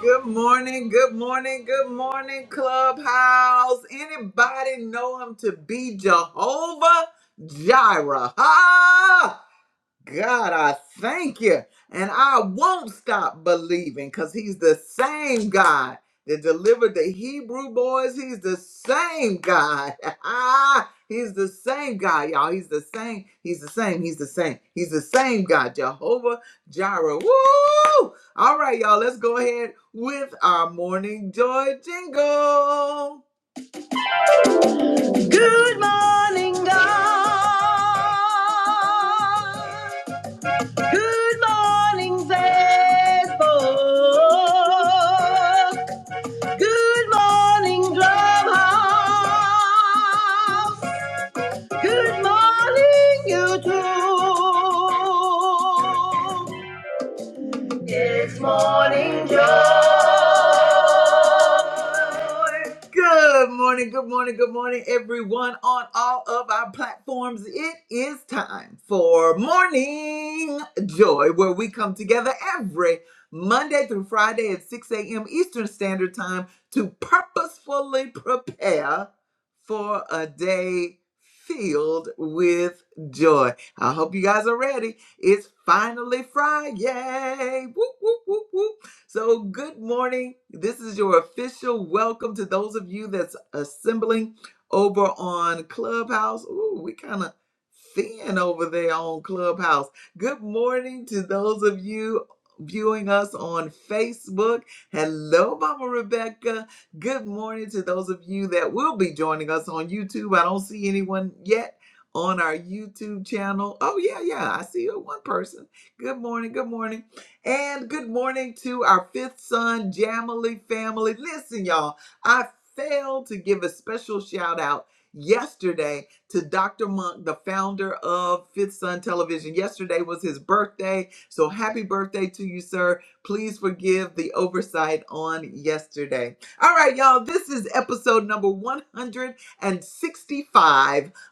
Good morning, good morning, good morning, Clubhouse. Anybody know him to be Jehovah Jireh? Ha! God, I thank you. And I won't stop believing because he's the same God that delivered the Hebrew boys. He's the same God. Ah, he's the same God, y'all. He's the same. He's the same. He's the same. He's the same God. Jehovah Jireh. Woo! All right, y'all. Let's go ahead with our morning joy jingle. Good morning, God. Good morning, Facebook. Good morning, Clubhouse. Good morning, YouTube. It's morning joy. Good morning, good morning, good morning, everyone on all of our platforms. It is time for Morning Joy, where we come together every Monday through Friday at 6 a.m. Eastern Standard Time to purposefully prepare for a day filled with joy. I hope you guys are ready. It's finally Friday. Whoop, whoop, whoop, whoop. So, good morning. This is your official welcome to those of you that's assembling over on Clubhouse. Ooh, we kind of thin over there on Clubhouse. Good morning to those of you viewing us on Facebook. Hello, Mama Rebecca. Good morning to those of you that will be joining us on YouTube. I don't see anyone yet on our YouTube channel. Oh, yeah, yeah, I see you, one person. Good morning, good morning. And good morning to our fifth son, Jamily family. Listen, y'all, I failed to give a special shout out yesterday to Dr. Monk, the founder of Fifth Son Television. Yesterday was his birthday. So happy birthday to you, sir. Please forgive the oversight on yesterday. All right, y'all, this is episode number one hundred and sixty-five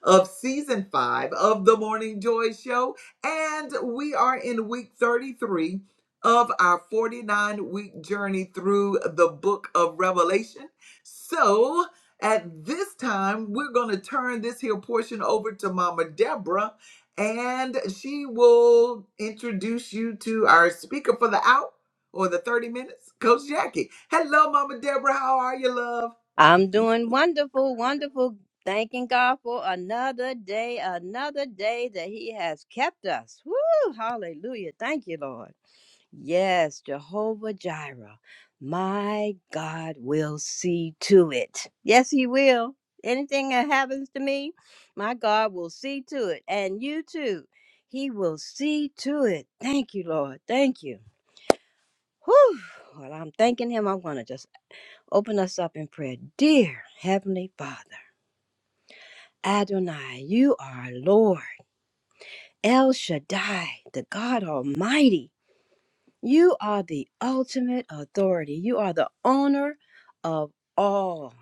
of season five of the Morning Joy Show. And we are in week 33 of our 49 week journey through the book of Revelation. So at this time, we're going to turn this here portion over to Mama Deborah, and she will introduce you to our speaker for the hour or the 30 minutes, Coach Jackie. Hello, Mama Deborah. How are you, love? I'm doing wonderful, I'm doing wonderful. Thanking God for another day, another day that He has kept us. Woo! Hallelujah. Thank you, Lord. Yes, Jehovah Jireh, my God will see to it. Yes, He will. Anything that happens to me, my God will see to it. And you too. He will see to it. Thank you, Lord. Thank you. Whew. Well, I'm thanking Him. I'm going to just Open us up in prayer. Dear Heavenly Father, Adonai, you are Lord. El Shaddai, the God Almighty. You are the ultimate authority. You are the owner of all.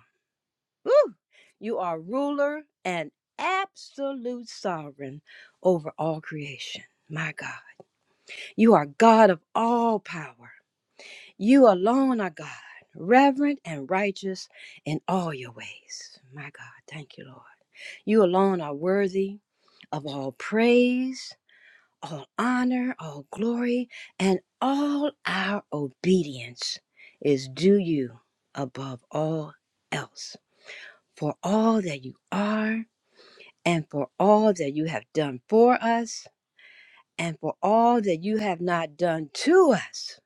Woo! You are ruler and absolute sovereign over all creation. My God. You are God of all power. You alone are God, reverent and righteous in all your ways. My God, thank you, Lord. You alone are worthy of all praise, all honor, all glory, and all our obedience is due you above all else. For all that you are, and for all that you have done for us, and for all that you have not done to us,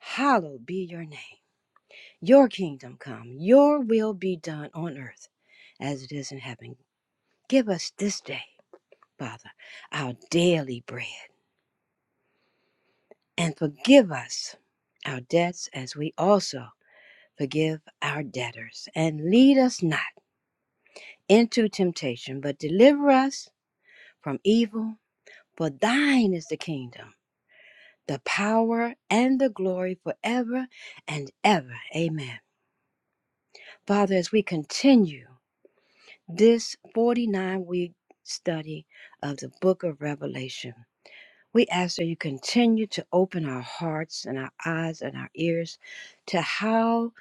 hallowed be your name. Your kingdom come, your will be done on earth as it is in heaven. Give us this day, Father, our daily bread, and forgive us our debts as we also forgive our debtors. And lead us not into temptation, but deliver us from evil. For thine is the kingdom, the power, and the glory forever and ever. Amen. Father, as we continue. this 49 week study of the book of Revelation. We ask that you continue to open our hearts and our eyes and our ears to how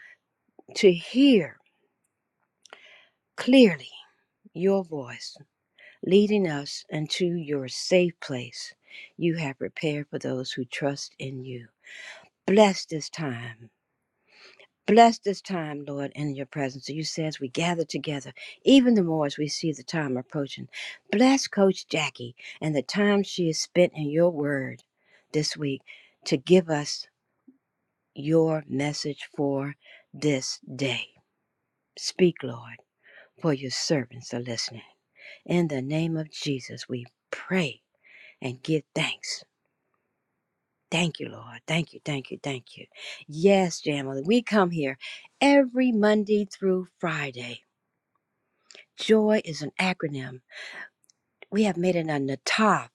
to hear clearly your voice leading us into your safe place you have prepared for those who trust in you. Bless this time Bless this time, Lord, in your presence. You say as we gather together, even the more as we see the time approaching. Bless Coach Jackie and the time she has spent in your word this week to give us your message for this day. Speak, Lord, for your servants are listening. In the name of Jesus, we pray and give thanks. Thank you, Lord. Thank you, thank you, thank you. Yes, Jamila, we come here every Monday through Friday Joy is an acronym. We have made it on the top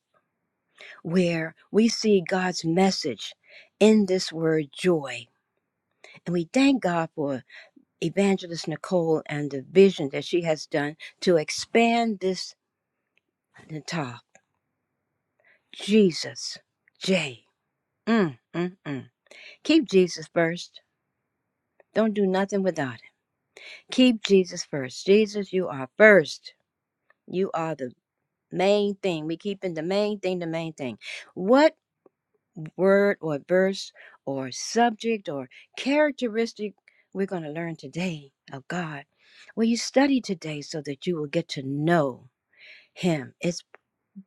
where we see God's message in this word joy. And we thank God for Evangelist Nicole and the vision that she has done to expand this on the top. Jesus, J. Mm, mm, mm. Keep Jesus first. Don't do nothing without him. Keep Jesus first. Jesus, you are first. You are the main thing. We keep in the main thing, the main thing. What word or verse or subject or characteristic we're going to learn today of God. Well, you study today so that you will get to know Him. It's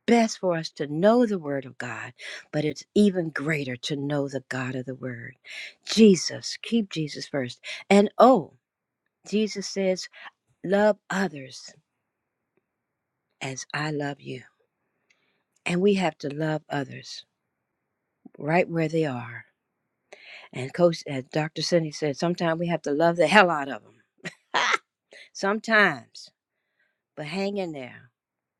best for us to know the Word of God, but it's even greater to know the God of the Word. Jesus, keep Jesus first. And oh, Jesus says, love others as I love you. And we have to love others right where they are And Coach, as Dr. Cindy said, sometimes we have to love the hell out of them. Sometimes, but hang in there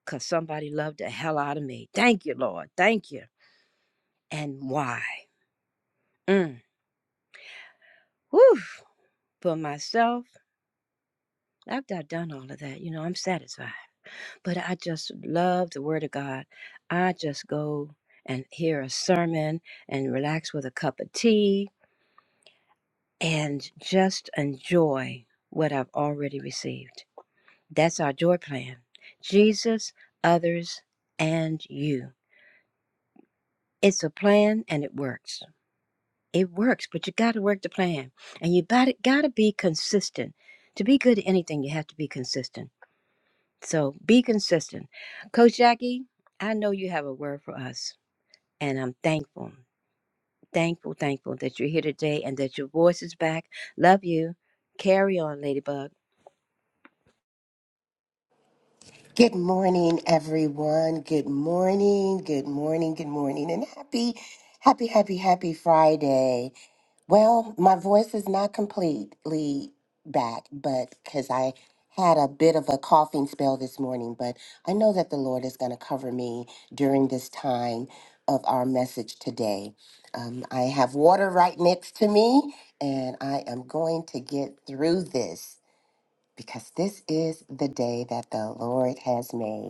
because somebody loved the hell out of me. Thank you, Lord. Thank you. And why? Mm. Whew. For myself, after I've done all of that, you know, I'm satisfied. But I just love the Word of God. I just go and hear a sermon and relax with a cup of tea and just enjoy what I've already received. That's our joy plan. Jesus, others, and you. It's a plan and it works. It works, but you got to work the plan. And you got to be consistent. To be good at anything, you have to be consistent. So be consistent. Coach Jackie, I know you have a word for us, and I'm thankful, thankful, thankful that you're here today and that your voice is back. Love you. Carry on, Ladybug. Good morning, everyone. Good morning, good morning, good morning, and happy, happy, happy, happy Friday. Well, my voice is not completely back, but because I had a bit of a coughing spell this morning, but I know that the Lord is going to cover me during this time of our message today. Um, I have water right next to me, and I am going to get through this because this is the day that the Lord has made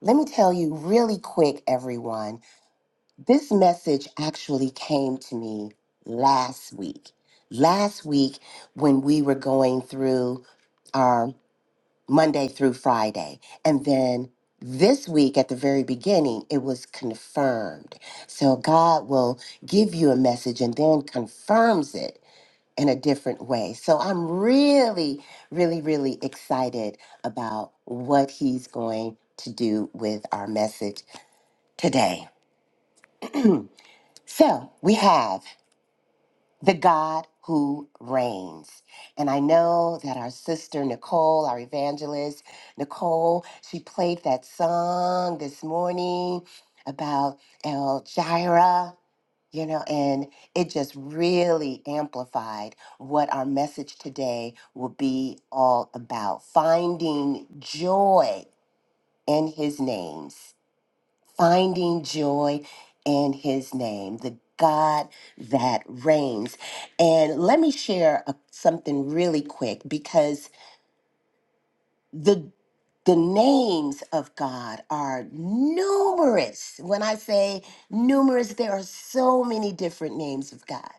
let me tell you really quick, everyone. This message actually came to me last week. Last week, when we were going through our Monday through Friday. And then this week, at the very beginning, it was confirmed. So God will give you a message and then confirms it in a different way. So I'm really, really, really excited about what He's going to do with our message today. So we have the God who reigns. And I know that our sister Nicole, our evangelist, Nicole, she played that song this morning about El Jireh, you know, and it just really amplified what our message today will be all about finding joy in his names. finding joy in his name, the God that reigns. And let me share a, something really quick because the the names of God are numerous. When I say numerous, there are so many different names of God.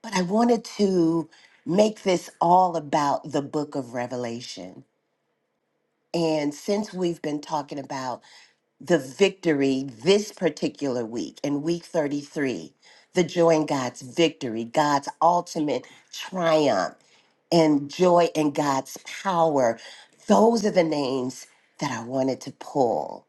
But I wanted to make this all about the book of Revelation. And since we've been talking about the victory this particular week in week 33, the joy in God's victory, God's ultimate triumph, and joy in God's power. Those are the names that I wanted to pull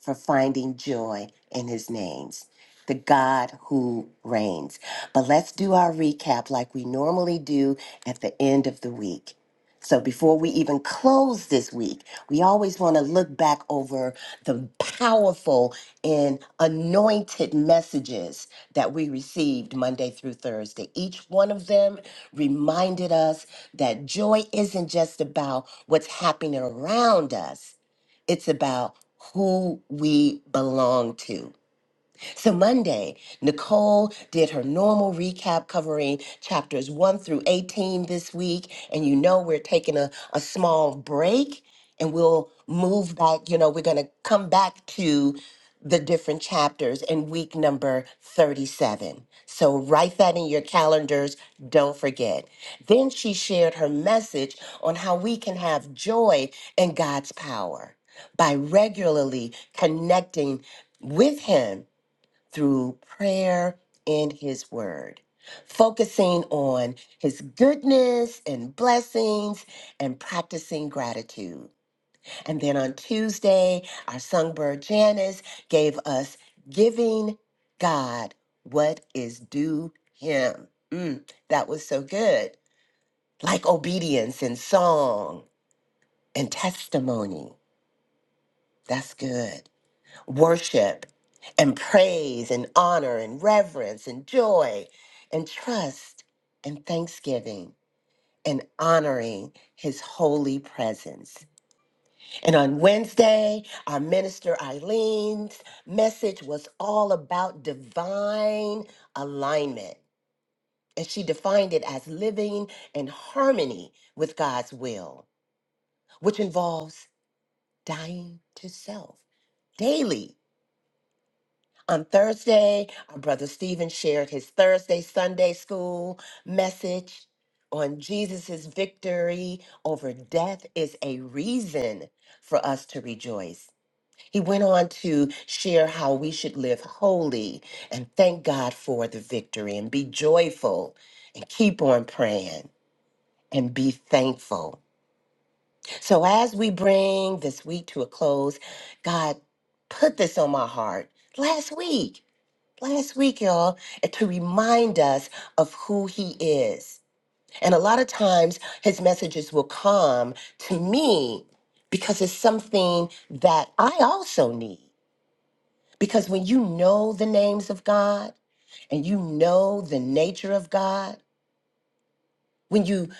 for finding joy in his names, the God who reigns. But let's do our recap like we normally do at the end of the week. So before we even close this week, we always want to look back over the powerful and anointed messages that we received Monday through Thursday. Each one of them reminded us that joy isn't just about what's happening around us it's about who we belong to. So Monday, Nicole did her normal recap covering chapters 1 through 18 this week. And you know, we're taking a, a small break and we'll move back. You know, we're going to come back to the different chapters in week number 37. So write that in your calendars. Don't forget. Then she shared her message on how we can have joy in God's power by regularly connecting with Him through prayer and his word, focusing on his goodness and blessings and practicing gratitude. And then on Tuesday, our songbird Janice gave us giving God what is due him. Mm, that was so good. Like obedience and song and testimony. That's good. worship and praise and honor and reverence and joy and trust and thanksgiving and honoring his holy presence. And on Wednesday, our minister Eileen's message was all about divine alignment. And she defined it as living in harmony with God's will, which involves dying to self daily On Thursday, our brother Stephen shared his Thursday Sunday school message on Jesus' victory over death is a reason for us to rejoice. He went on to share how we should live holy and thank God for the victory and be joyful and keep on praying and be thankful. So, as we bring this week to a close, God put this on my heart last week last week, y'all, to remind us of who he is. And a lot of times his messages will come to me because it's something that I also need. Because when you know the names of God and you know the nature of God, when you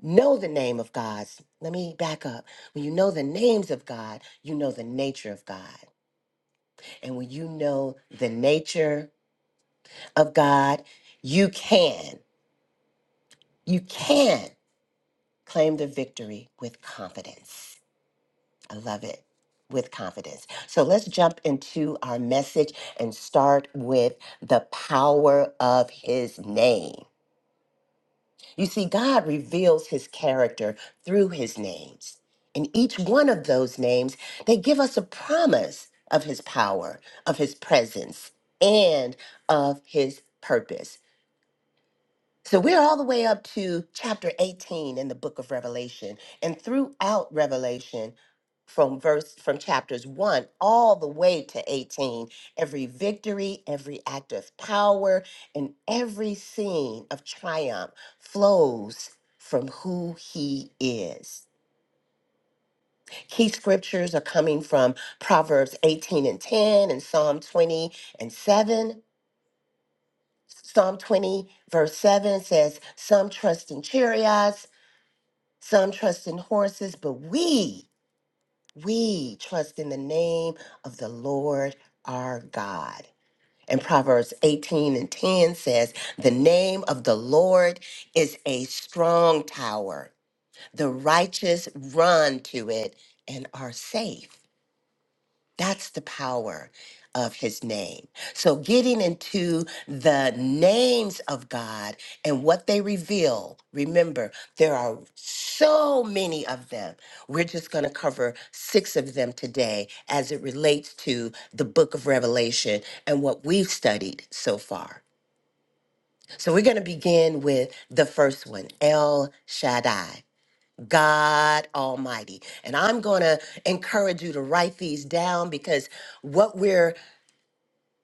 know the name of God, let me back up. When you know the names of God, you know the nature of God. And when you know the nature of God, you can. You can claim the victory with confidence. I love it. With confidence. So let's jump into our message and start with the power of his name. You see, God reveals his character through his names. And each one of those names, they give us a promise of his power, of his presence, and of his purpose. So we're all the way up to chapter 18 in the book of Revelation. And throughout Revelation, from verse from chapters 1 all the way to 18 every victory every act of power and every scene of triumph flows from who he is key scriptures are coming from proverbs 18 and 10 and psalm 20 and 7 psalm 20 verse 7 says some trust in chariots Some trust in horses, but we, we trust in the name of the Lord our God. And Proverbs 18 and 10 says, The name of the Lord is a strong tower. The righteous run to it and are safe. That's the power of his name. So, getting into the names of God and what they reveal, remember, there are so many of them. We're just going to cover six of them today as it relates to the book of Revelation and what we've studied so far. So, we're going to begin with the first one El Shaddai. God Almighty. And I'm going to encourage you to write these down because what we're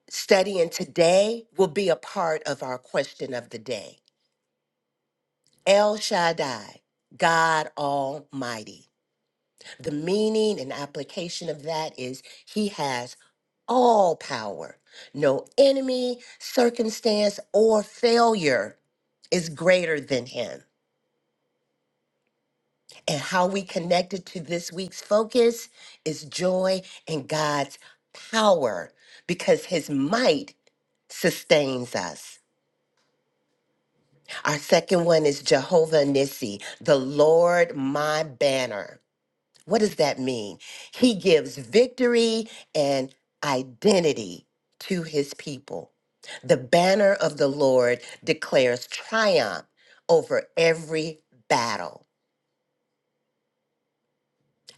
studying today will be a part of our question of the day. El Shaddai, God Almighty. The meaning and application of that is He has all power. No enemy, circumstance, or failure is greater than Him. And how we connected to this week's focus is joy in God's power because his might sustains us. Our second one is Jehovah Nissi, the Lord my banner. What does that mean? He gives victory and identity to his people. The banner of the Lord declares triumph over every battle.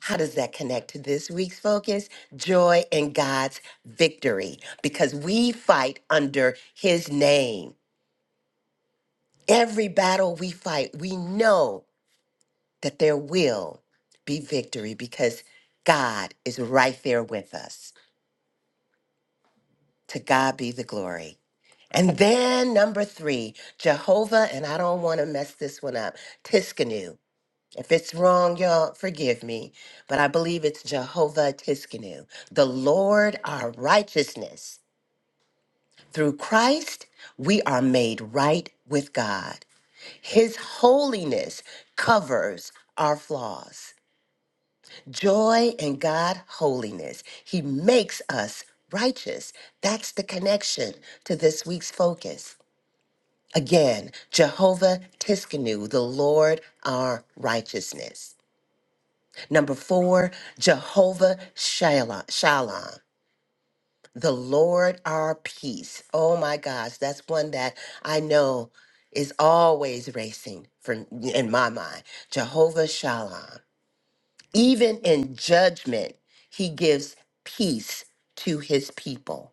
How does that connect to this week's focus? Joy in God's victory, because we fight under his name. Every battle we fight, we know that there will be victory because God is right there with us. To God be the glory. And then number three, Jehovah, and I don't want to mess this one up, Tiskanu. If it's wrong, y'all, forgive me, but I believe it's Jehovah Tiskanu, the Lord our righteousness. Through Christ, we are made right with God. His holiness covers our flaws. Joy in God holiness. He makes us righteous. That's the connection to this week's focus. Again, Jehovah Tiskanu, the Lord our righteousness. Number four, Jehovah Shalom, Shalom, the Lord our peace. Oh my gosh, that's one that I know is always racing from in my mind. Jehovah Shalom. Even in judgment, he gives peace to his people.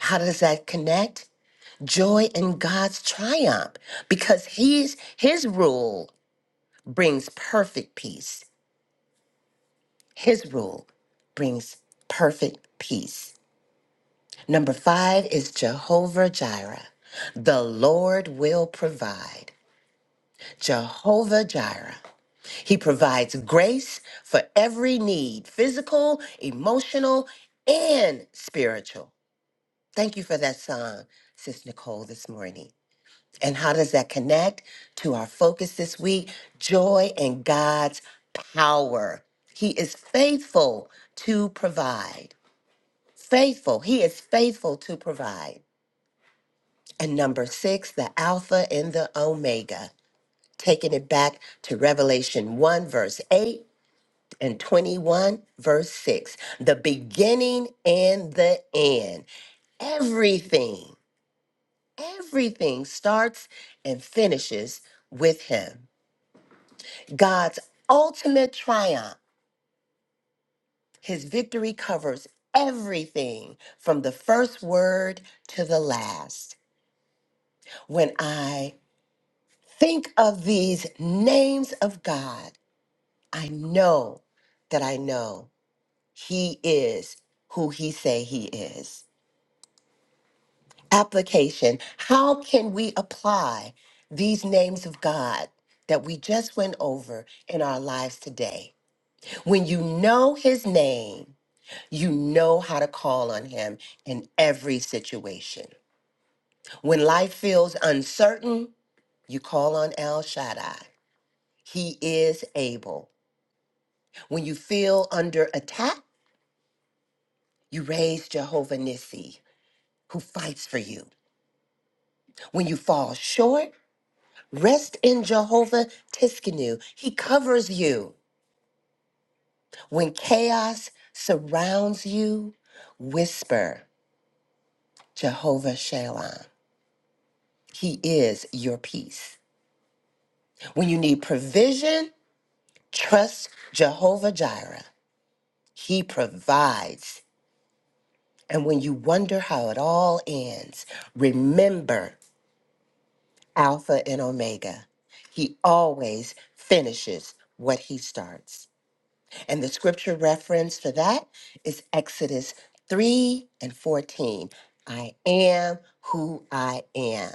How does that connect? Joy in God's triumph because he's his rule brings perfect peace. His rule brings perfect peace. Number five is Jehovah Jireh. The Lord will provide. Jehovah Jireh. He provides grace for every need physical, emotional, and spiritual. Thank you for that song, Sis Nicole, this morning. And how does that connect to our focus this week? Joy and God's power. He is faithful to provide. Faithful, he is faithful to provide. And number six, the Alpha and the Omega, taking it back to Revelation 1, verse 8 and 21, verse 6, the beginning and the end. Everything, everything starts and finishes with him. God's ultimate triumph, his victory covers everything from the first word to the last. When I Think of these names of God. I know that I know He is who He say He is. Application. How can we apply these names of God that we just went over in our lives today? When you know His name, you know how to call on Him in every situation. When life feels uncertain, you call on El Shaddai. He is able. When you feel under attack, you raise Jehovah Nissi, who fights for you. When you fall short, rest in Jehovah Tiskanu. He covers you. When chaos surrounds you, whisper Jehovah Shalom. He is your peace. When you need provision, trust Jehovah Jireh. He provides. And when you wonder how it all ends, remember Alpha and Omega. He always finishes what he starts. And the scripture reference for that is Exodus 3 and 14. I am who I am.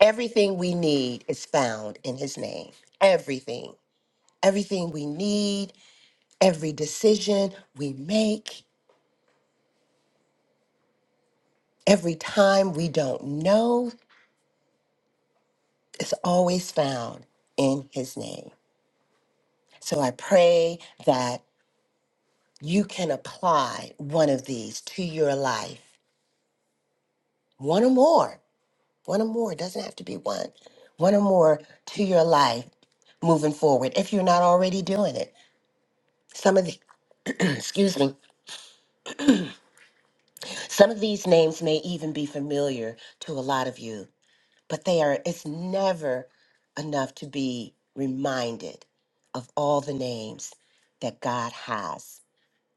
Everything we need is found in his name. Everything. Everything we need, every decision we make, every time we don't know, is always found in his name. So I pray that you can apply one of these to your life, one or more, one or more, it doesn't have to be one, one or more to your life moving forward if you're not already doing it. Some of the, excuse me, some of these names may even be familiar to a lot of you, but they are, it's never enough to be reminded of all the names that God has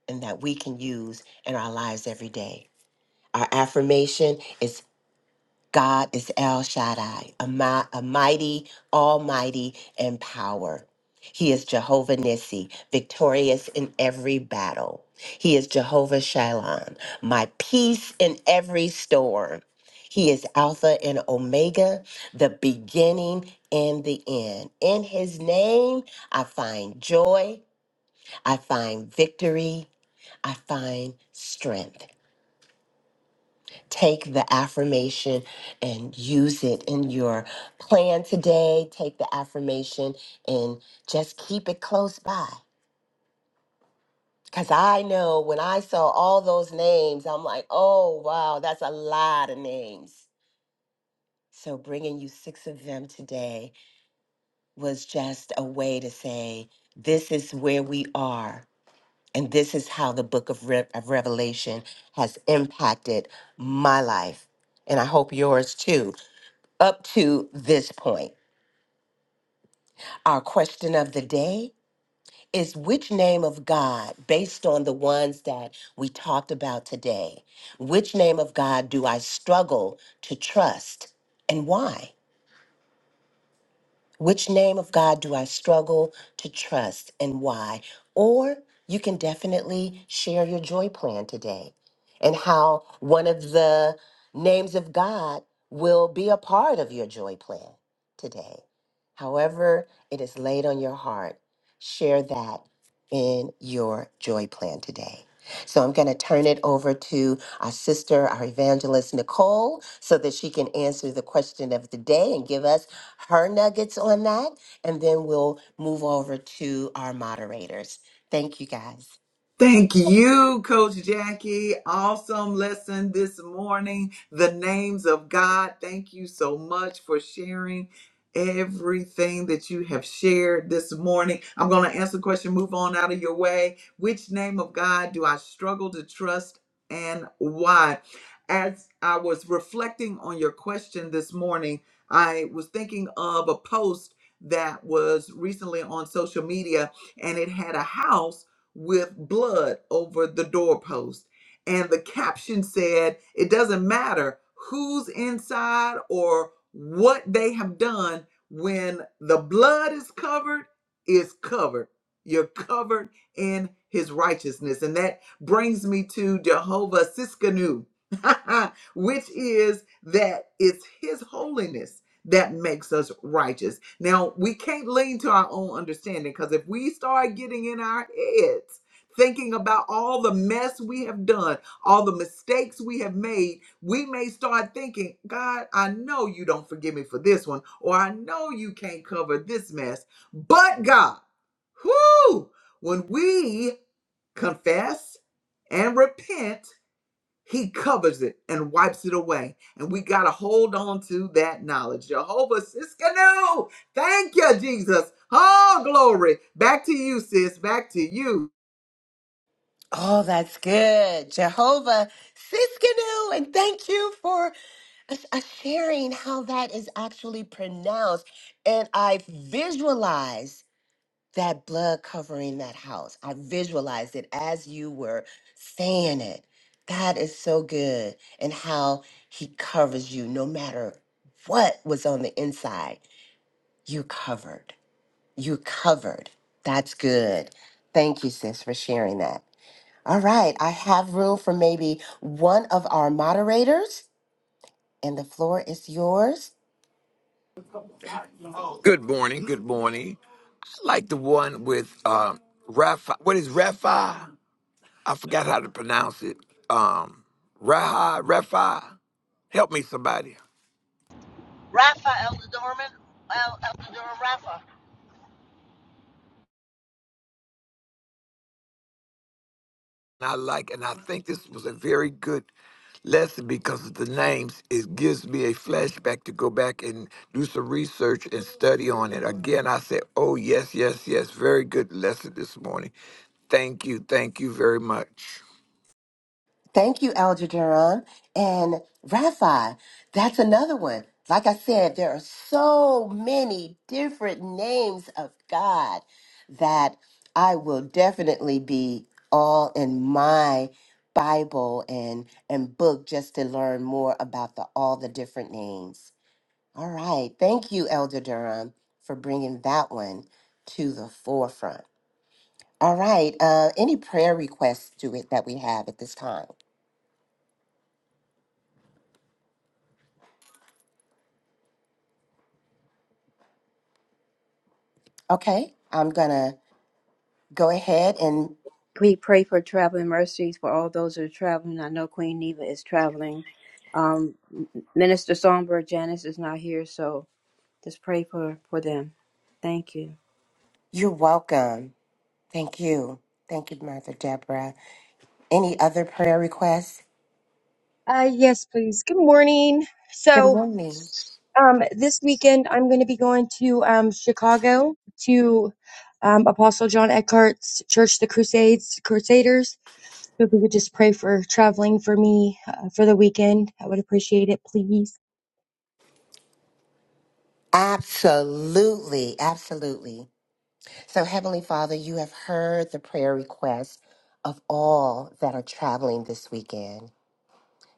and that we can use in our lives every day. Our affirmation is God is El Shaddai, a, mi- a mighty, almighty, and power. He is Jehovah Nissi, victorious in every battle. He is Jehovah Shalom, my peace in every storm. He is Alpha and Omega, the beginning and the end. In his name, I find joy, I find victory, I find strength take the affirmation and use it in your plan today. Take the affirmation and just keep it close by. Because I know when I saw all those names, I'm like, oh, wow, that's a lot of names. So bringing you six of them today was just a way to say, this is where we are. And this is how the book of, Re- of Revelation has impacted my life. And I hope yours too. up to this point. Our question of the day is which name of God, based on the ones that we talked about today, which name of God do I struggle to trust and why? Which name of God do I struggle to trust and why? Or you can definitely share your joy plan today and how one of the names of God will be a part of your joy plan today. However, it is laid on your heart, share that in your joy plan today. So I'm going to turn it over to our sister, our evangelist, Nicole, so that she can answer the question of the day and give us her nuggets on that, and then we'll move over to our moderators. Thank you guys. Thank you, Coach Jackie. Awesome lesson this morning. The names of God. Thank you so much for sharing everything that you have shared this morning. I'm going to answer the question, move on out of your way. Which name of God do I struggle to trust and why? As I was reflecting on your question this morning, I was thinking of a post that was recently on social media and it had a house with blood over the doorpost. And the caption said, It doesn't matter who's inside or what they have done, when the blood is covered, is covered. You're covered in his righteousness. And that brings me to Jehovah Siskanu, which is that it's his holiness that makes us righteous. Now, we can't lean to our own understanding because if we start getting in our heads, thinking about all the mess we have done, all the mistakes we have made, we may start thinking, God, I know you don't forgive me for this one, or I know you can't cover this mess. But God, whoo, when we confess and repent, he covers it and wipes it away. And we got to hold on to that knowledge. Jehovah Siskanu. Thank you, Jesus. Oh, glory. Back to you, sis. Back to you. Oh, that's good. Jehovah Siskinu, and thank you for us- us sharing how that is actually pronounced. And I visualize that blood covering that house. I visualized it as you were saying it. God is so good and how he covers you no matter what was on the inside. You covered. You covered. That's good. Thank you, sis, for sharing that. All right. I have room for maybe one of our moderators, and the floor is yours. Good morning. Good morning. I like the one with um, Rafa. What is Rapha? I forgot how to pronounce it. Um, Raha, Rafa. Help me, somebody. Rafa Elder Dorman, Rafa. And I like, and I think this was a very good lesson because of the names. It gives me a flashback to go back and do some research and study on it. Again, I said, oh, yes, yes, yes. Very good lesson this morning. Thank you. Thank you very much. Thank you, Aljaduran and Rafi. That's another one. Like I said, there are so many different names of God that I will definitely be all in my Bible and and book just to learn more about the all the different names. All right, thank you, Elder Durham, for bringing that one to the forefront. All right, uh, any prayer requests to it that we have at this time? Okay, I'm gonna go ahead and We pray for traveling mercies for all those who are traveling. I know Queen Neva is traveling. Um, Minister Songbird Janice is not here, so just pray for, for them. Thank you. you're welcome. Thank you. Thank you, Mother Deborah. Any other prayer requests? Uh, yes, please. Good morning. Good So, morning. um, this weekend I'm going to be going to um, Chicago to um, Apostle John Eckhart's Church, the Crusades, Crusaders. So, if you could just pray for traveling for me uh, for the weekend, I would appreciate it, please. Absolutely, absolutely. So, Heavenly Father, you have heard the prayer requests of all that are traveling this weekend.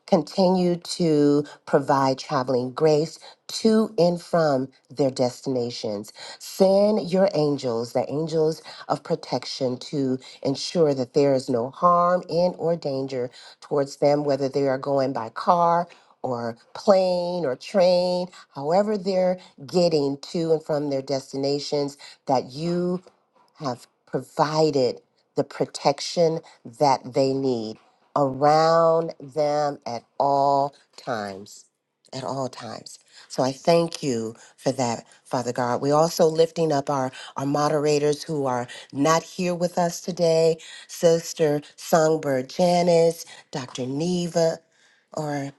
Continue to provide traveling grace to and from their destinations. Send your angels, the angels of protection, to ensure that there is no harm in or danger towards them, whether they are going by car or plane or train, however they're getting to and from their destinations, that you have provided the protection that they need around them at all times. At all times. So I thank you for that, Father God. We're also lifting up our, our moderators who are not here with us today Sister Songbird Janice, Dr. Neva, or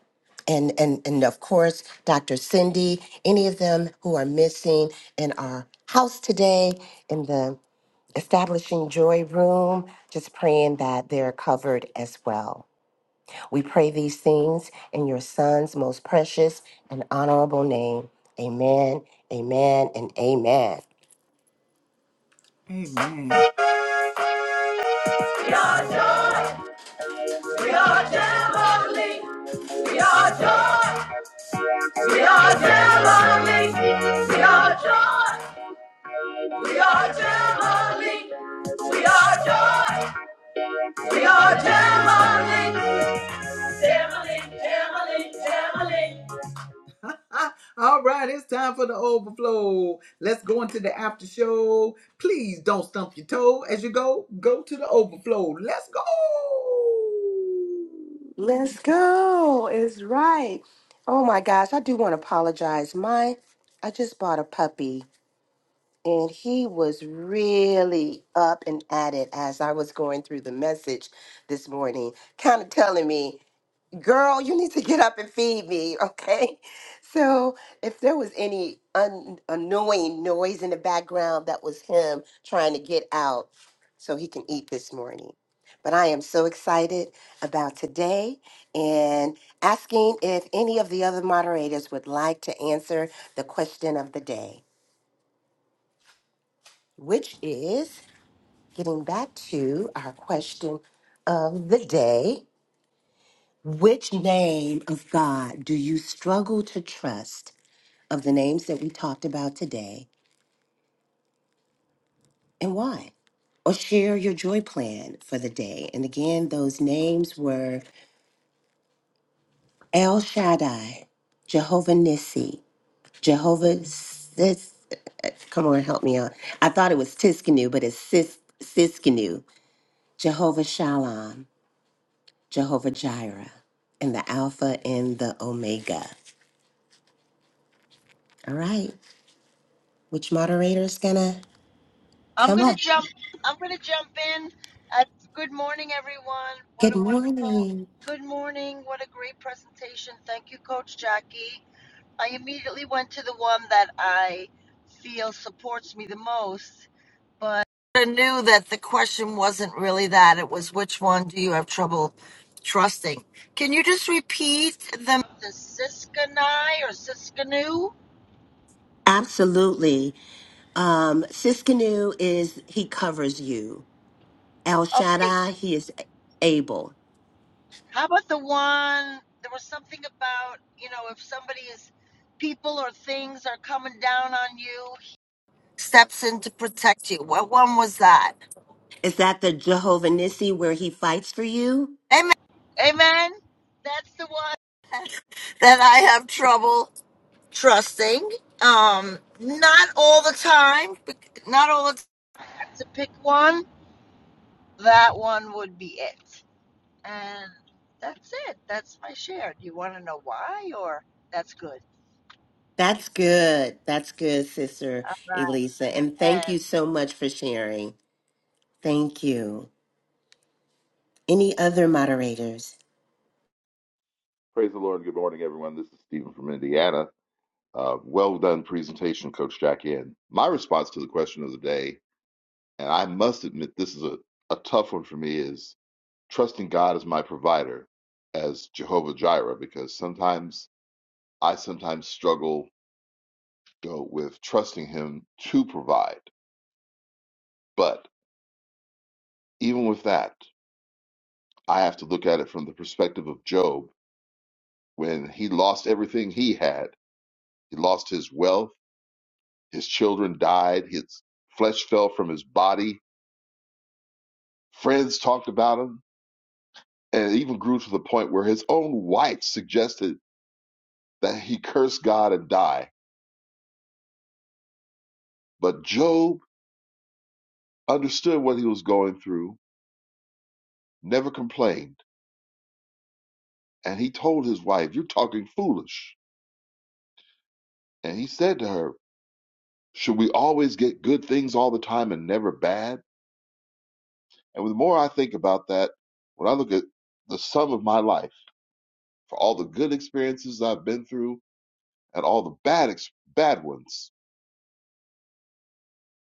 and, and and of course Dr. Cindy, any of them who are missing in our house today in the establishing joy room, just praying that they're covered as well. We pray these things in your son's most precious and honorable name. Amen, amen, and amen. Amen. We are joy. We are heavenly. We are joy. We are heavenly. We are joy. We are heavenly. We are joy. We are heavenly. Heavenly, heavenly, heavenly. All right, it's time for the overflow. Let's go into the after show. Please don't stump your toe as you go. Go to the overflow. Let's go. Let's go. It's right. Oh my gosh, I do want to apologize. My I just bought a puppy and he was really up and at it as I was going through the message this morning, kind of telling me girl, you need to get up and feed me, okay? So if there was any un- annoying noise in the background, that was him trying to get out so he can eat this morning. But I am so excited about today and asking if any of the other moderators would like to answer the question of the day, which is getting back to our question of the day. Which name of God do you struggle to trust of the names that we talked about today and why? Or share your joy plan for the day. And again, those names were El Shaddai, Jehovah Nissi, Jehovah Sis. Come on, help me out. I thought it was Tiskanu, but it's Sis, Siskanu, Jehovah Shalom, Jehovah Jireh, and the Alpha and the Omega. All right, which moderator is going to I'm come gonna up? jump. I'm gonna jump in. Uh, good morning, everyone. What Good a wonderful. morning. Good morning. What a great presentation. Thank you, Coach Jackie. I immediately went to the one that I feel supports me the most, but I knew that the question wasn't really that. It was which one do you have trouble trusting? Can you just repeat the the Siskany or Siskanu? Absolutely. Um, Siskinu is he covers you. El Okay, Shaddai, he is able. How about the one? There was something about, you know, if somebody's people or things are coming down on you, steps in to protect you. What one was that? Is that the Jehovah Nissi where he fights for you? Amen. Amen. That's the one that I have trouble trusting. Um, not all the time. bec- Not all the time. To pick one, that one would be it. And that's it. That's my share. Do you want to know why, or that's good? That's good. That's good, Sister All Elisa. right. And Amen. thank you so much for sharing. Thank you. Any other moderators? Praise the Lord. Good morning, everyone. This is Stephen from Indiana. Uh, well done presentation, Coach Jack. In my response to the question of the day, and I must admit this is a, a tough one for me, is trusting God as my provider, as Jehovah Jireh, because sometimes I sometimes struggle go with trusting Him to provide. But even with that, I have to look at it from the perspective of Job when he lost everything he had. He lost his wealth. His children died. His flesh fell from his body. Friends talked about him, and it even grew to the point where his own wife suggested that he curse God and die. But Job understood what he was going through, never complained, and he told his wife, You're talking foolish. And he said to her, Should we always get good things all the time and never bad? And the more I think about that, when I look at the sum of my life, for all the good experiences I've been through, and all the bad ex- bad ones.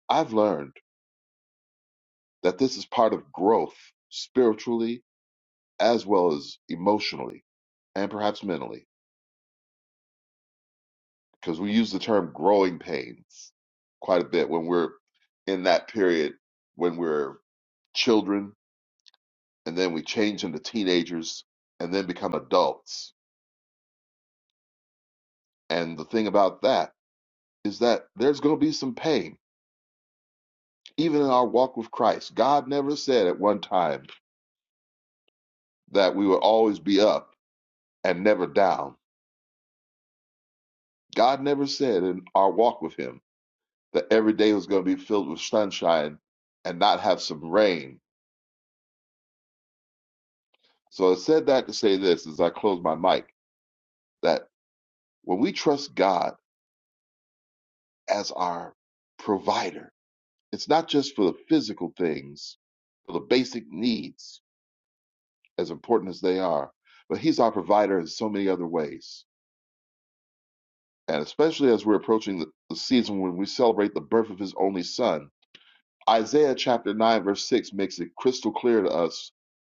I've learned that this is part of growth spiritually as well as emotionally and perhaps mentally because we use the term growing pains quite a bit when we're in that period when we're children and then we change into teenagers and then become adults. And the thing about that is that there's going to be some pain even in our walk with Christ. God never said at one time that we would always be up and never down God never said in our walk with Him that every day was going to be filled with sunshine and not have some rain. So I said that to say this as I close my mic that when we trust God as our provider, it's not just for the physical things, for the basic needs, as important as they are, but He's our provider in so many other ways. And especially as we're approaching the the season when we celebrate the birth of His only Son, Isaiah chapter 9, verse 6 makes it crystal clear to us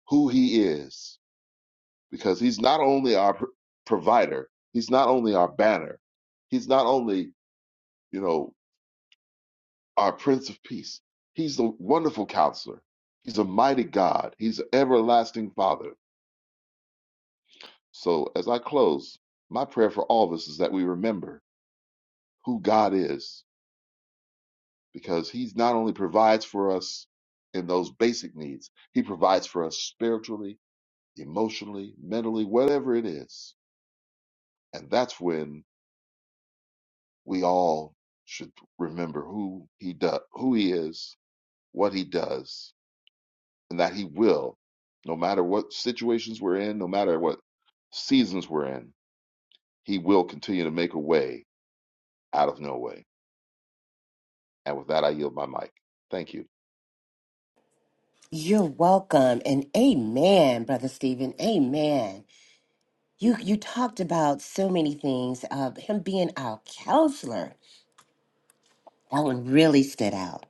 who he is because he's not only our pr- provider, he's not only our banner, he's not only, you know, our prince of peace, he's the wonderful counselor, he's a mighty God, he's an everlasting father. So, as I close, my prayer for all of us is that we remember who God is because he's not only provides for us in those basic needs, he provides for us spiritually emotionally, mentally, whatever it is. And that's when we all should remember who he does, who he is, what he does, and that he will, no matter what situations we're in, no matter what seasons we're in, he will continue to make a way out of no way. And with that, I yield my mic. Thank you. You're welcome. And amen, Brother Stephen. Amen. You you talked about so many things of him being our counselor. That one really stood out.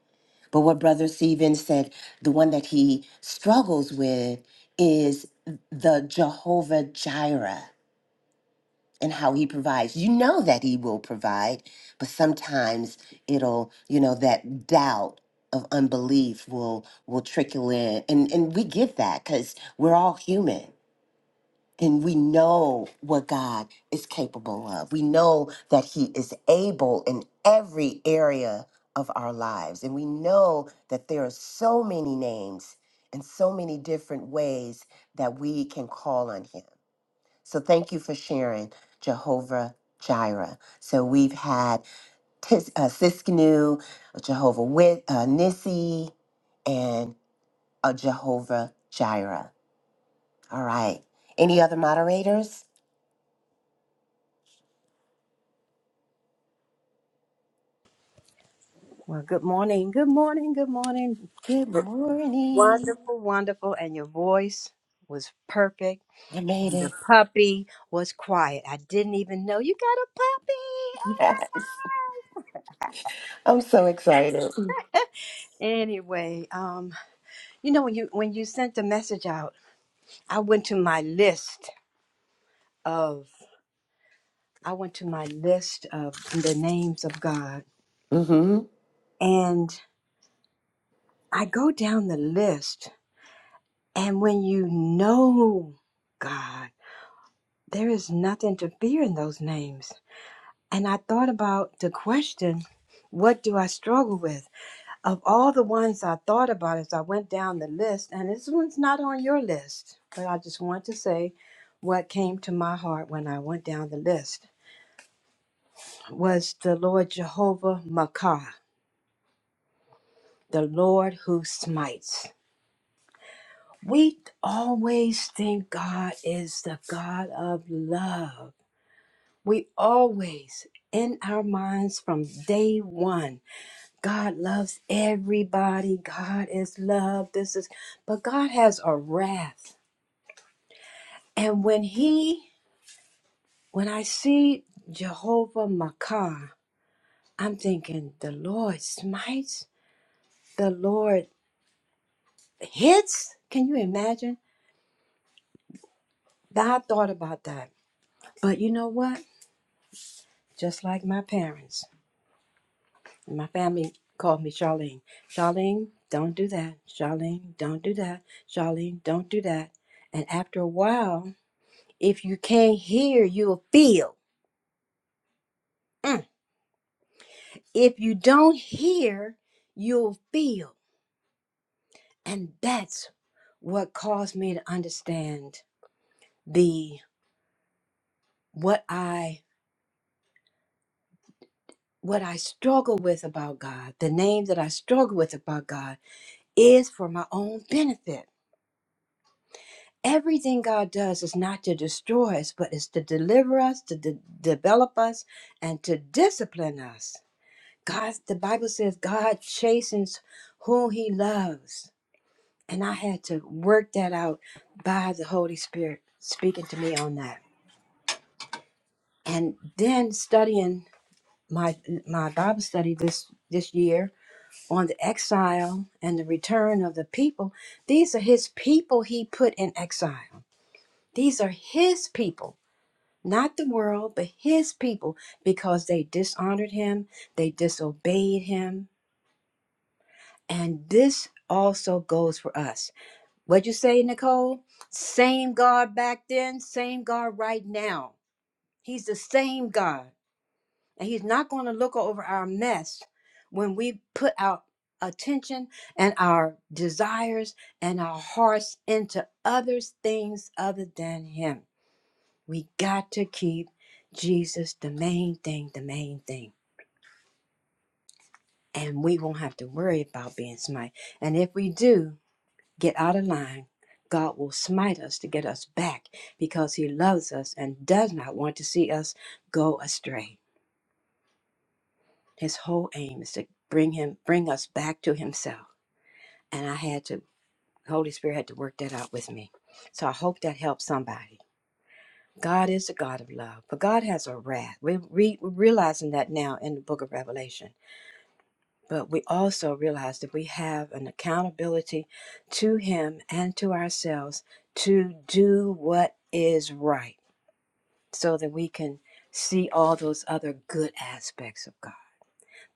But what Brother Stephen said, the one that he struggles with is the Jehovah Jireh and how he provides. You know that he will provide, but sometimes it'll, you know, that doubt of unbelief will will trickle in. And and we get that because we're all human and we know what God is capable of. We know that He is able in every area of our lives. And we know that there are so many names and so many different ways that we can call on Him. So thank you for sharing, Jehovah Jireh. So we've had Tis, uh, Siskinu, Jehovah Wit, uh, Nissi, and uh, Jehovah Jireh. All right. Any other moderators? Well, good morning. Good morning. Good morning. Good morning. Wonderful, wonderful. And your voice was perfect. I made And the it. puppy was quiet. I didn't even know you got a puppy. Oh Yes. I'm so excited. my God. Anyway, um, you know when you when you sent the message out, I went to my list of I went to my list of the names of God hmm and I go down the list and when you know God, there is nothing to fear in those names. And I thought about the question, what do I struggle with? Of all the ones I thought about as I went down the list, and this one's not on your list, but I just want to say what came to my heart when I went down the list was the Lord Jehovah Makah the Lord who smites. We always think God is the God of love. We always, in our minds from day one, God loves everybody. God is love. This is, but God has a wrath. And when He, when I see Jehovah Makah, I'm thinking, the Lord smites, the Lord hits. Can you imagine? I thought about that. But you know what? just like my parents. And my family called me Charlene. Charlene, don't do that. Charlene, don't do that. Charlene, don't do that. And after a while, if you can't hear, you'll feel. Mm. If you don't hear, you'll feel. And that's what caused me to understand the what I what I struggle with about God, the name that I struggle with about God is for my own benefit. everything God does is not to destroy us, but is to deliver us, to de- develop us, and to discipline us. God, the Bible says God chastens whom He loves, and I had to work that out by the Holy Spirit speaking to me on that, and then studying my my Bible study this this year on the exile and the return of the people. These are His people He put in exile. These are His people not the world, but his people, because they dishonored him, they disobeyed him. And this also goes for us. What'd you say, Nicole? Same God back then, same God right now. He's the same God. And he's not going to look over our mess when we put our attention and our desires and our hearts into other things other than him. We got to keep Jesus the main thing, the main thing. And we won't have to worry about being smite. And if we do get out of line, God will smite us to get us back because He loves us and does not want to see us go astray. His whole aim is to bring Him, bring us back to Himself. And I had to, Holy Spirit had to work that out with me. So I hope that helps somebody. God is the God of love, but God has a wrath. We re- we're realizing that now in the book of Revelation. But we also realize that we have an accountability to Him and to ourselves to do what is right so that we can see all those other good aspects of God.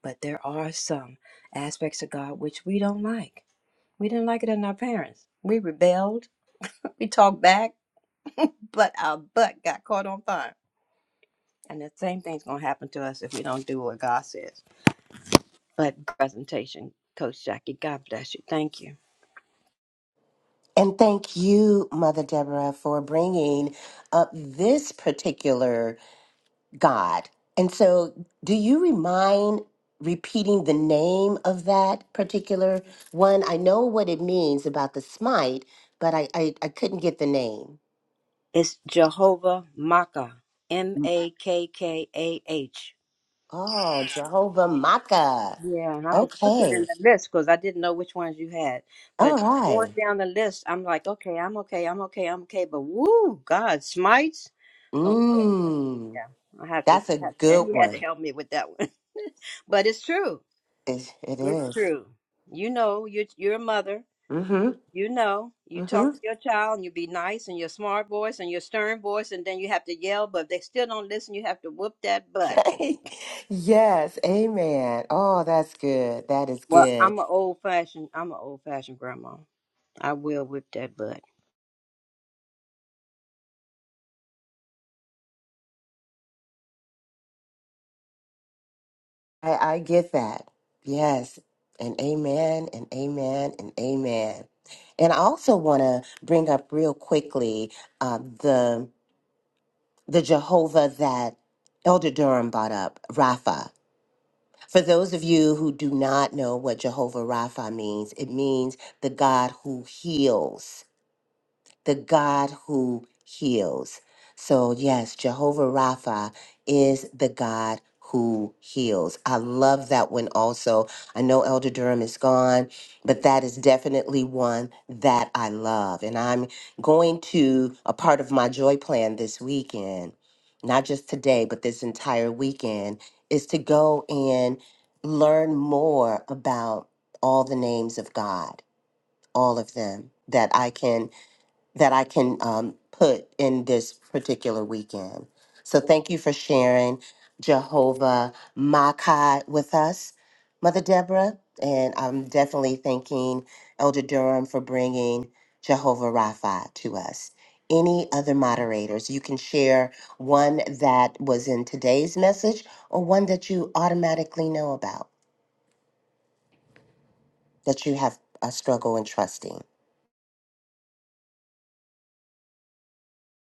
But there are some aspects of God which we don't like. We didn't like it in our parents. We rebelled, we talked back, but our butt got caught on fire. And the same thing's going to happen to us if we don't do what God says. But presentation, Coach Jackie, God bless you. Thank you. And thank you, Mother Deborah, for bringing up this particular God. And so, do you mind repeating the name of that particular one? I know what it means about the smite, but I, I, I couldn't get the name. It's Jehovah Makkah, M A K K A H. Oh, Jehovah Maka. Yeah, and I was looking in Okay. the list because I didn't know which ones you had. All But going right. down the list, I'm like, okay, I'm okay, I'm okay, I'm okay. But woo, God, smites. Oh Mm. yeah, I have to. That's a Have, good and he had to one. help me with that one. but it's true. It, it It's is. true. You know, you're, you're a mother. Mm-hmm. You know, you Mm-hmm. talk to your child and you be nice and your smart voice and your stern voice, and then you have to yell, but if they still don't listen, you have to whoop that butt. Okay. yes. Amen. Oh, that's good. That is Well, good. I'm an old fashioned. I'm an old fashioned grandma. I will whip that butt. I, I get that. Yes. And amen. And amen. And amen. And I also want to bring up real quickly uh, the the Jehovah that Elder Durham brought up, Rapha. For those of you who do not know what Jehovah Rapha means, it means the God who heals. the God who heals. So, yes, Jehovah Rapha is the God who heals. I love that one also. I know Elder Durham is gone, but that is definitely one that I love. And I'm going to a part of my joy plan this weekend, not just today, but this entire weekend, is to go and learn more about all the names of God, all of them that I can that I can um, put in this particular weekend. So thank you for sharing Jehovah Makai with us, Mother Deborah. And I'm definitely thanking Elder Durham for bringing Jehovah Rapha to us. Any other moderators? You can share one that was in today's message or one that you automatically know about that you have a struggle in trusting.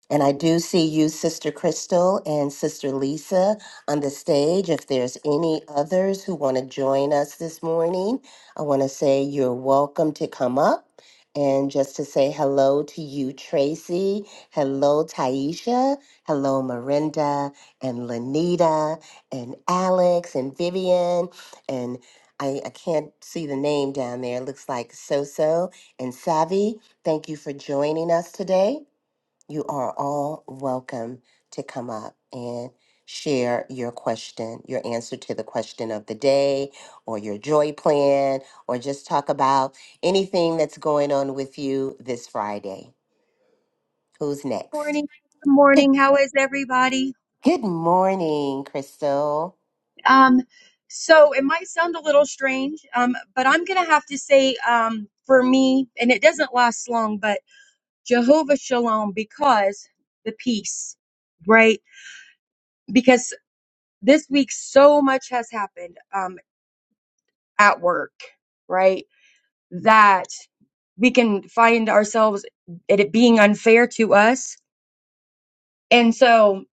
And I do see you, Sister Crystal and Sister Lisa, on the stage. If there's any others who want to join us this morning, I want to say you're welcome to come up. And just to say hello to you, Tracy. Hello, Taisha. Hello, Miranda and Lanita and Alex and Vivian. And I, I can't see the name down there. It looks like Soso and Savi. Thank you for joining us today. You are all welcome to come up and share your question, your answer to the question of the day, or your joy plan, or just talk about anything that's going on with you this Friday. Who's next? Morning. Good Good, morning. How is everybody? good morning, Crystal. Um, so, it might sound a little strange, um, but I'm going to have to say um, for me, and it doesn't last long, but Jehovah Shalom because the peace, right? Because this week so much has happened um, at work, right? That we can find ourselves it it being unfair to us. And so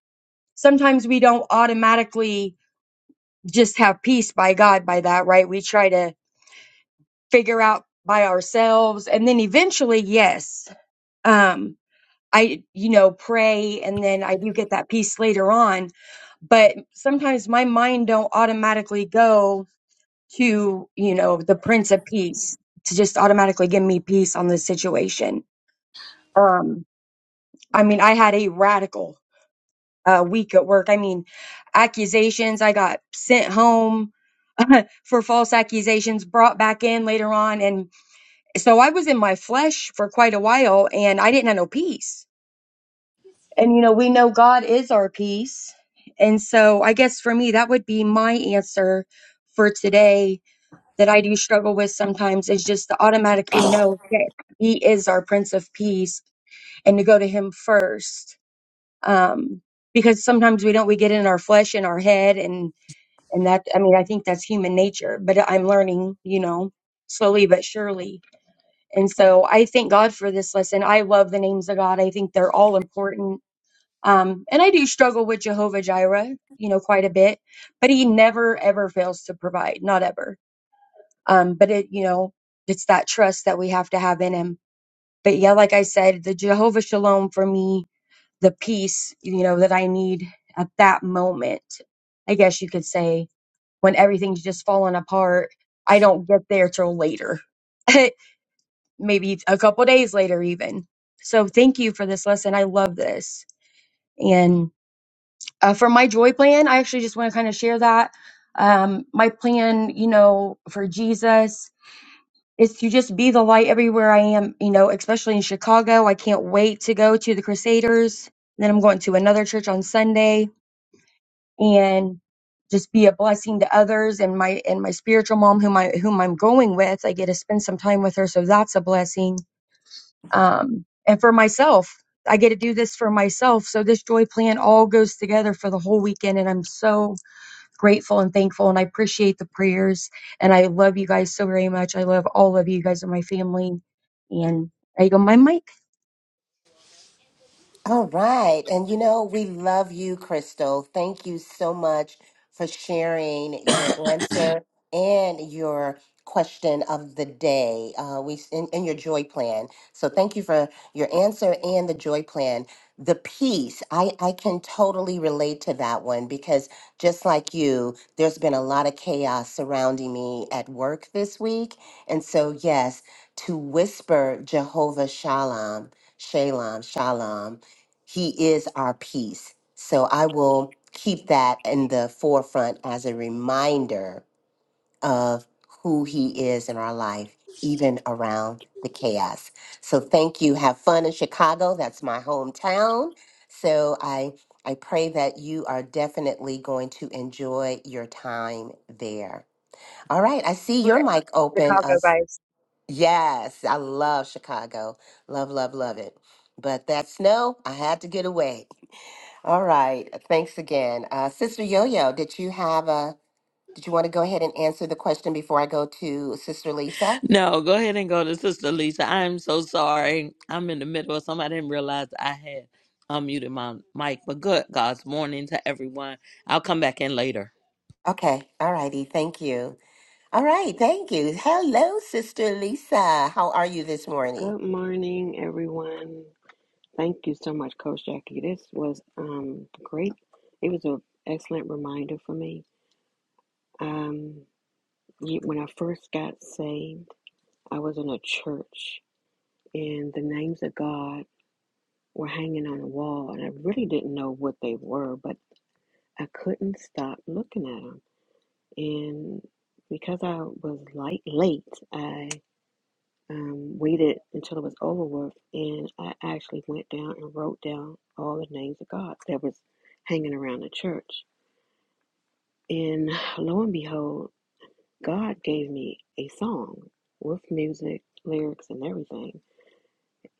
sometimes we don't automatically just have peace by God by that, right? We try to figure out by ourselves. And then eventually, yes. Um, I, you know, pray and then I do get that peace later on. But sometimes my mind don't automatically go to, you know, the Prince of Peace to just automatically give me peace on the situation. Um, I mean, I had a radical uh, week at work. I mean, accusations. I got sent home for false accusations, brought back in later on, and so I was in my flesh for quite a while, and I didn't have no peace And you know, we know God is our peace. And so I guess for me, that would be my answer for today that I do struggle with sometimes is just to automatically know that He is our Prince of Peace and to go to Him first. Um, because sometimes we don't, we get in our flesh, in our head, and and that, I mean, I think that's human nature, but I'm learning, you know, slowly but surely. And so I thank God for this lesson. I love the names of God. I think they're all important um, and I do struggle with Jehovah Jireh, you know, quite a bit, but he never ever fails to provide, not ever. Um, but it, you know, it's that trust that we have to have in him. But yeah, like I said, the Jehovah Shalom for me, the peace, you know, that I need at that moment, I guess you could say, when everything's just falling apart, I don't get there till later, maybe a couple days later, even. So thank you for this lesson. I love this. and. uh, for my joy plan, I actually just want to kind of share that. Um, my plan, you know, for Jesus is to just be the light everywhere I am, you know, especially in Chicago. I can't wait to go to the Crusaders. Then I'm going to another church on Sunday and just be a blessing to others and my and my spiritual mom whom I whom I'm going with, I get to spend some time with her, so that's a blessing. Um, and for myself, I get to do this for myself. So this joy plan all goes together for the whole weekend and I'm so grateful and thankful and I appreciate the prayers and I love you guys so very much. I love all of you guys and my family. And I go my mic All right. And you know, we love you, Crystal. Thank you so much for sharing your answer and your question of the day. Uh, we and, and your joy plan. So thank you for your answer and the joy plan. The peace, I, I can totally relate to that one because just like you, there's been a lot of chaos surrounding me at work this week. And so, yes, to whisper Jehovah Shalom, Shalom, Shalom he is our peace. So I will keep that in the forefront as a reminder of who He is in our life, even around the chaos. So thank you. Have fun in Chicago. That's my hometown. So I I pray that you are definitely going to enjoy your time there. All right, I see your ever mic open. Chicago Us, guys. yes, I love Chicago. Love, love, love it. But that snow, I had to get away. All right. Thanks again. Uh, Sister Yo-Yo, did you have a, did you want to go ahead and answer the question before I go to Sister Lisa? No, go ahead and go to Sister Lisa. I'm so sorry. I'm in the middle of something. I didn't realize I had unmuted my mic. But good God's morning to everyone. I'll come back in later. Okay. All righty. Thank you. All right. Thank you. Hello, Sister Lisa. How are you this morning? Good morning, everyone. Thank you so much, Coach Jackie. This was um, great. It was an excellent reminder for me. Um, when I first got saved, I was in a church, and the names of God were hanging on the wall, and I really didn't know what they were, but I couldn't stop looking at them. And because I was light, late, I. um, waited until it was over with, and I actually went down and wrote down all the names of God that was hanging around the church. And lo and behold, God gave me a song with music, lyrics, and everything.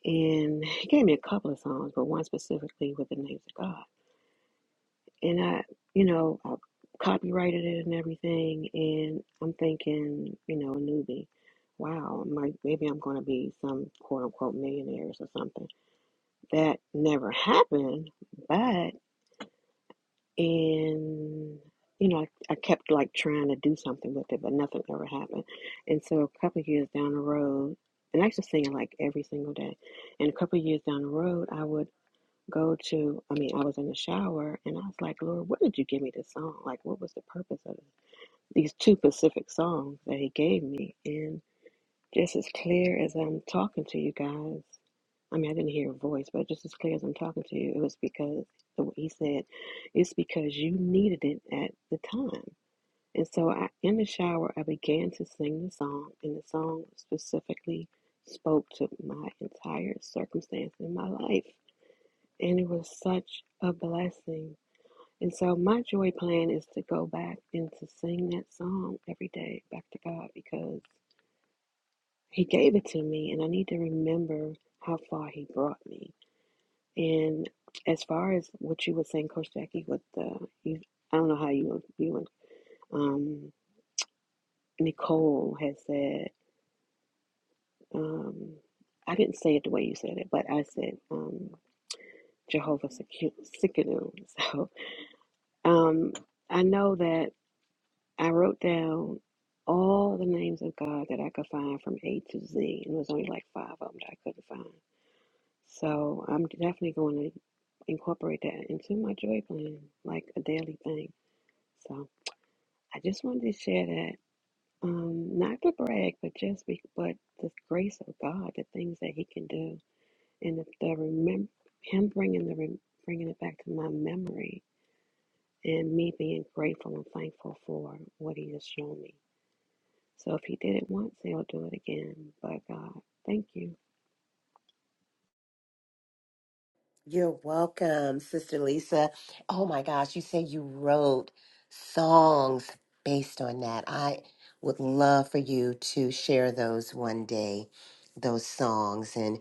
And He gave me a couple of songs, but one specifically with the names of God. And I, you know, I copyrighted it and everything. And I'm thinking, you know, a newbie, wow, my, maybe I'm going to be some quote unquote millionaires or something that never happened but in you know I, I kept like trying to do something with it but nothing ever happened and so a couple of years down the road and i used to sing it like every single day and a couple of years down the road i would go to i mean i was in the shower and i was like lord what did you give me this song like what was the purpose of it? these two pacific songs that he gave me And just as clear as I'm talking to you guys, I mean, I didn't hear a voice, but just as clear as I'm talking to you, it was because the way he said, it's because you needed it at the time. And so I, in the shower, I began to sing the song, and the song specifically spoke to my entire circumstance in my life. And it was such a blessing. And so my joy plan is to go back and to sing that song every day back to God because he gave it to me, and I need to remember how far He brought me. And as far as what you were saying, Coach Jackie, with the, you, I don't know how you, you and um, Nicole has said, um, I didn't say it the way you said it, but I said um, Jehovah Secu- Sikkenu. So um, I know that I wrote down all the names of God that I could find from A to Z, and it was only like five of them that I couldn't find. So I'm definitely going to incorporate that into my joy plan, like a daily thing. So I just wanted to share that, um, not to brag, but just be, but the grace of God, the things that He can do, and the, the remember Him bringing the rem- bringing it back to my memory, and me being grateful and thankful for what He has shown me. So if He did it once, He'll do it again. But God, thank you, You're welcome, Sister Lisa. Oh my gosh, you said you wrote songs based on that. I would love for you to share those one day, those songs. and.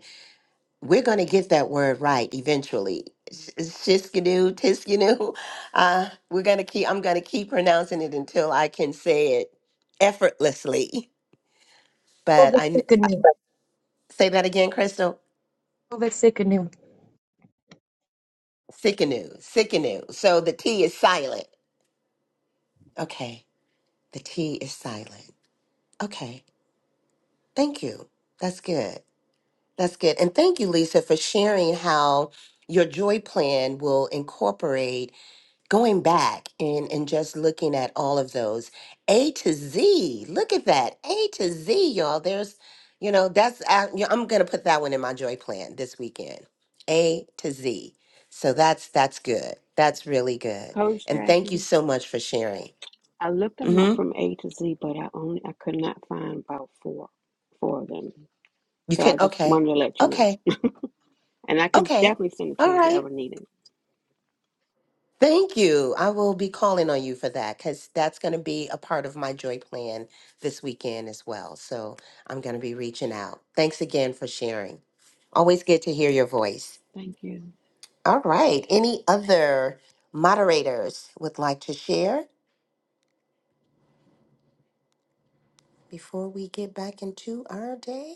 we're going to get that word right eventually. Sh- Shiskadoo, tiskadoo. Uh, we're going to keep, I'm going to keep pronouncing it until I can say it effortlessly. But COVID I kn- sick and new. say that again, Crystal. COVID sick and new. Sikanoo, sikanoo. So the T is silent. Okay. The T is silent. Okay. Thank you. That's good. That's good. And thank you, Lisa, for sharing how your joy plan will incorporate going back and and just looking at all of those a to z look at that a to z y'all there's you know that's I, yeah, i'm gonna put that one in my joy plan this weekend a to z so that's that's good that's really good Coach and thank you Jackie. so much for sharing I looked them up mm-hmm. from A to Z, but I only I could not find about four four of them. you So can I just okay wanted to let you know. okay And I can okay definitely send it to all you if you right ever need it. Thank you. I will be calling on you for that because that's going to be a part of my joy plan this weekend as well. So I'm going to be reaching out. Thanks again for sharing. Always good to hear your voice. Thank you. All right. Any other moderators would like to share before we get back into our day?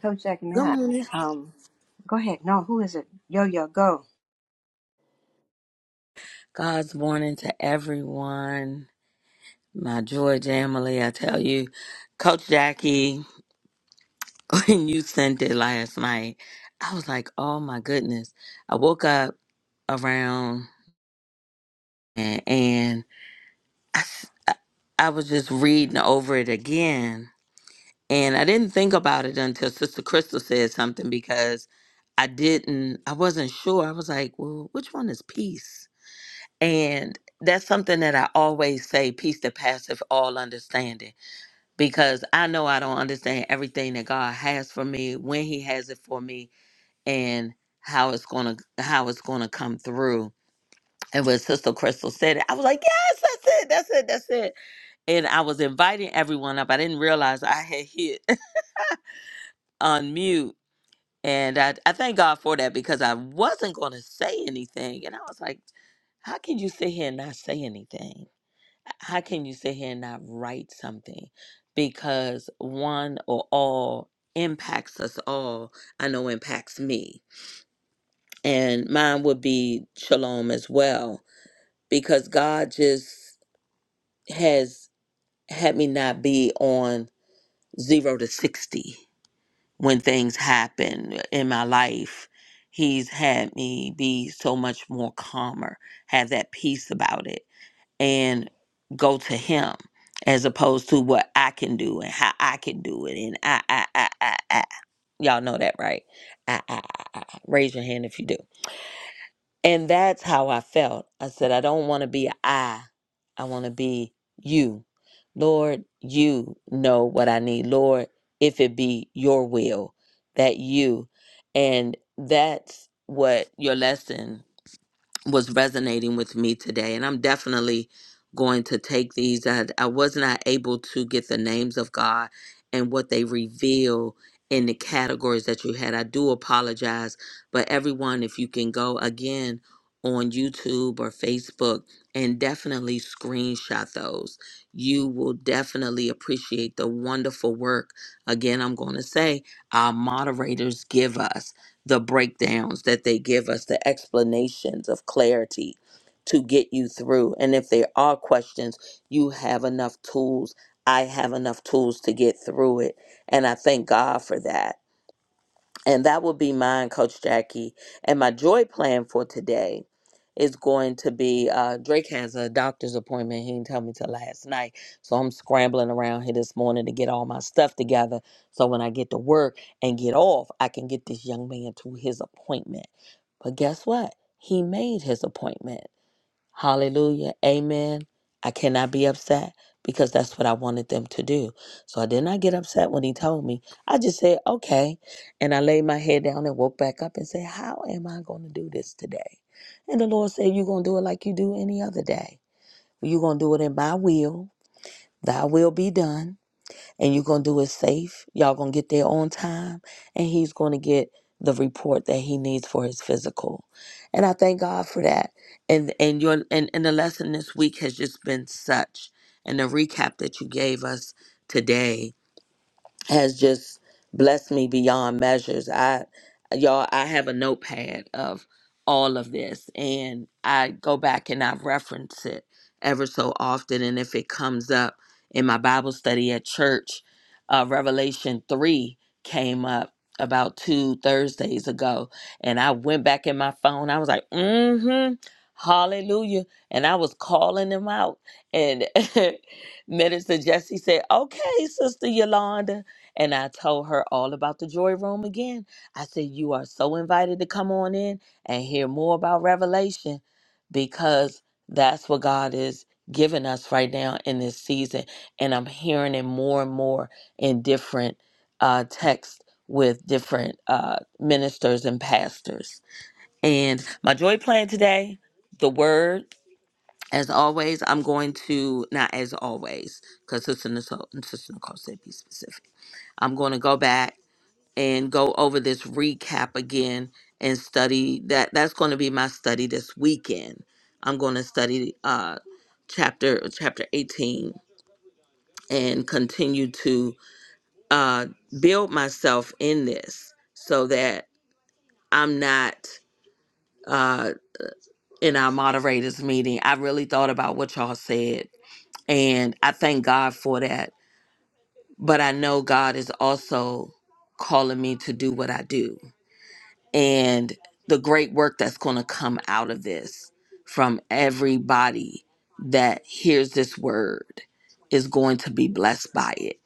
Coach Jackie, may Good I? morning. Um, go ahead. No, who is it? Yo, yo, go. God's morning to everyone. My joy, Jamily, I tell you, Coach Jackie, when you sent it last night, I was like, oh my goodness. I woke up around and, and I, s- I I was just reading over it again And I didn't think about it until Sister Crystal said something because I didn't, I wasn't sure. I was like, well, which one is peace? And that's something that I always say peace that passeth all understanding because I know I don't understand everything that God has for me, when He has it for me, and how it's gonna how it's gonna come through. And when Sister Crystal said it, I was like, yes, that's it, that's it, that's it. And I was inviting everyone up. I didn't realize I had hit unmute And I, I thank God for that because I wasn't going to say anything. And I was like, how can you sit here and not say anything? How can you sit here and not write something? Because one or all impacts us all. I know impacts me. And mine would be shalom as well. Because God just has had me not be on zero to 60 when things happen in my life, he's had me be so much more calmer, have that peace about it, and go to him as opposed to what I can do and how I can do it. And I, I, I, I, I. Y'all know that, right? I, I, I, I. Raise your hand if you do. And that's how I felt. I said, I don't want to be a I. I want to be you. Lord, you know what I need. Lord, if it be your will, that you. And that's what your lesson was resonating with me today and i'm definitely going to take these i, I was not able to get the names of god and what they reveal in the categories that you had i do apologize but everyone if you can go again on youtube or facebook and definitely screenshot those you will definitely appreciate the wonderful work again i'm going to say our moderators give us the breakdowns that they give us, the explanations of clarity to get you through. And if there are questions, you have enough tools. I have enough tools to get through it. And I thank God for that. And that will be mine, Coach Jackie. And my joy plan for today is going to be uh, Drake has a doctor's appointment. He didn't tell me till last night. So I'm scrambling around here this morning to get all my stuff together. So when I get to work and get off, I can get this young man to his appointment. But guess what? He made his appointment. Hallelujah. Amen. I cannot be upset because that's what I wanted them to do. So I did not get upset when he told me. I just said, okay. And I laid my head down and woke back up and said, how am I going to do this today? And the Lord said, you're going to do it like you do any other day. You're going to do it in my will. Thy will be done and you're going to do it safe. Y'all going to get there on time, and he's going to get the report that he needs for his physical. And I thank God for that. And and your and, and the lesson this week has just been such and the recap that you gave us today has just blessed me beyond measures. I y'all I have a notepad of all of this and I go back and I reference it ever so often and if it comes up in my Bible study at church, uh Revelation 3 came up about two Thursdays ago and I went back in my phone. I was like, "Mm hmm, Hallelujah." And I was calling him out and Minister Jesse said, "Okay, Sister Yolanda." And I told her all about the joy room again. I said, You are so invited to come on in and hear more about Revelation because that's what God is giving us right now in this season. And I'm hearing it more and more in different uh, texts with different uh, ministers and pastors. And my joy plan today, the word. As always, I'm going to not as always, because Sister Nicole, Sister Nicole said be specific. I'm going to go back and go over this recap again and study that. That's going to be my study this weekend. I'm going to study uh, chapter chapter 18 and continue to uh, build myself in this so that I'm not uh, in our moderators meeting. I really thought about what y'all said And I thank God for that. But I know God is also calling me to do what I do and the great work that's going to come out of this from everybody that hears this word is going to be blessed by it.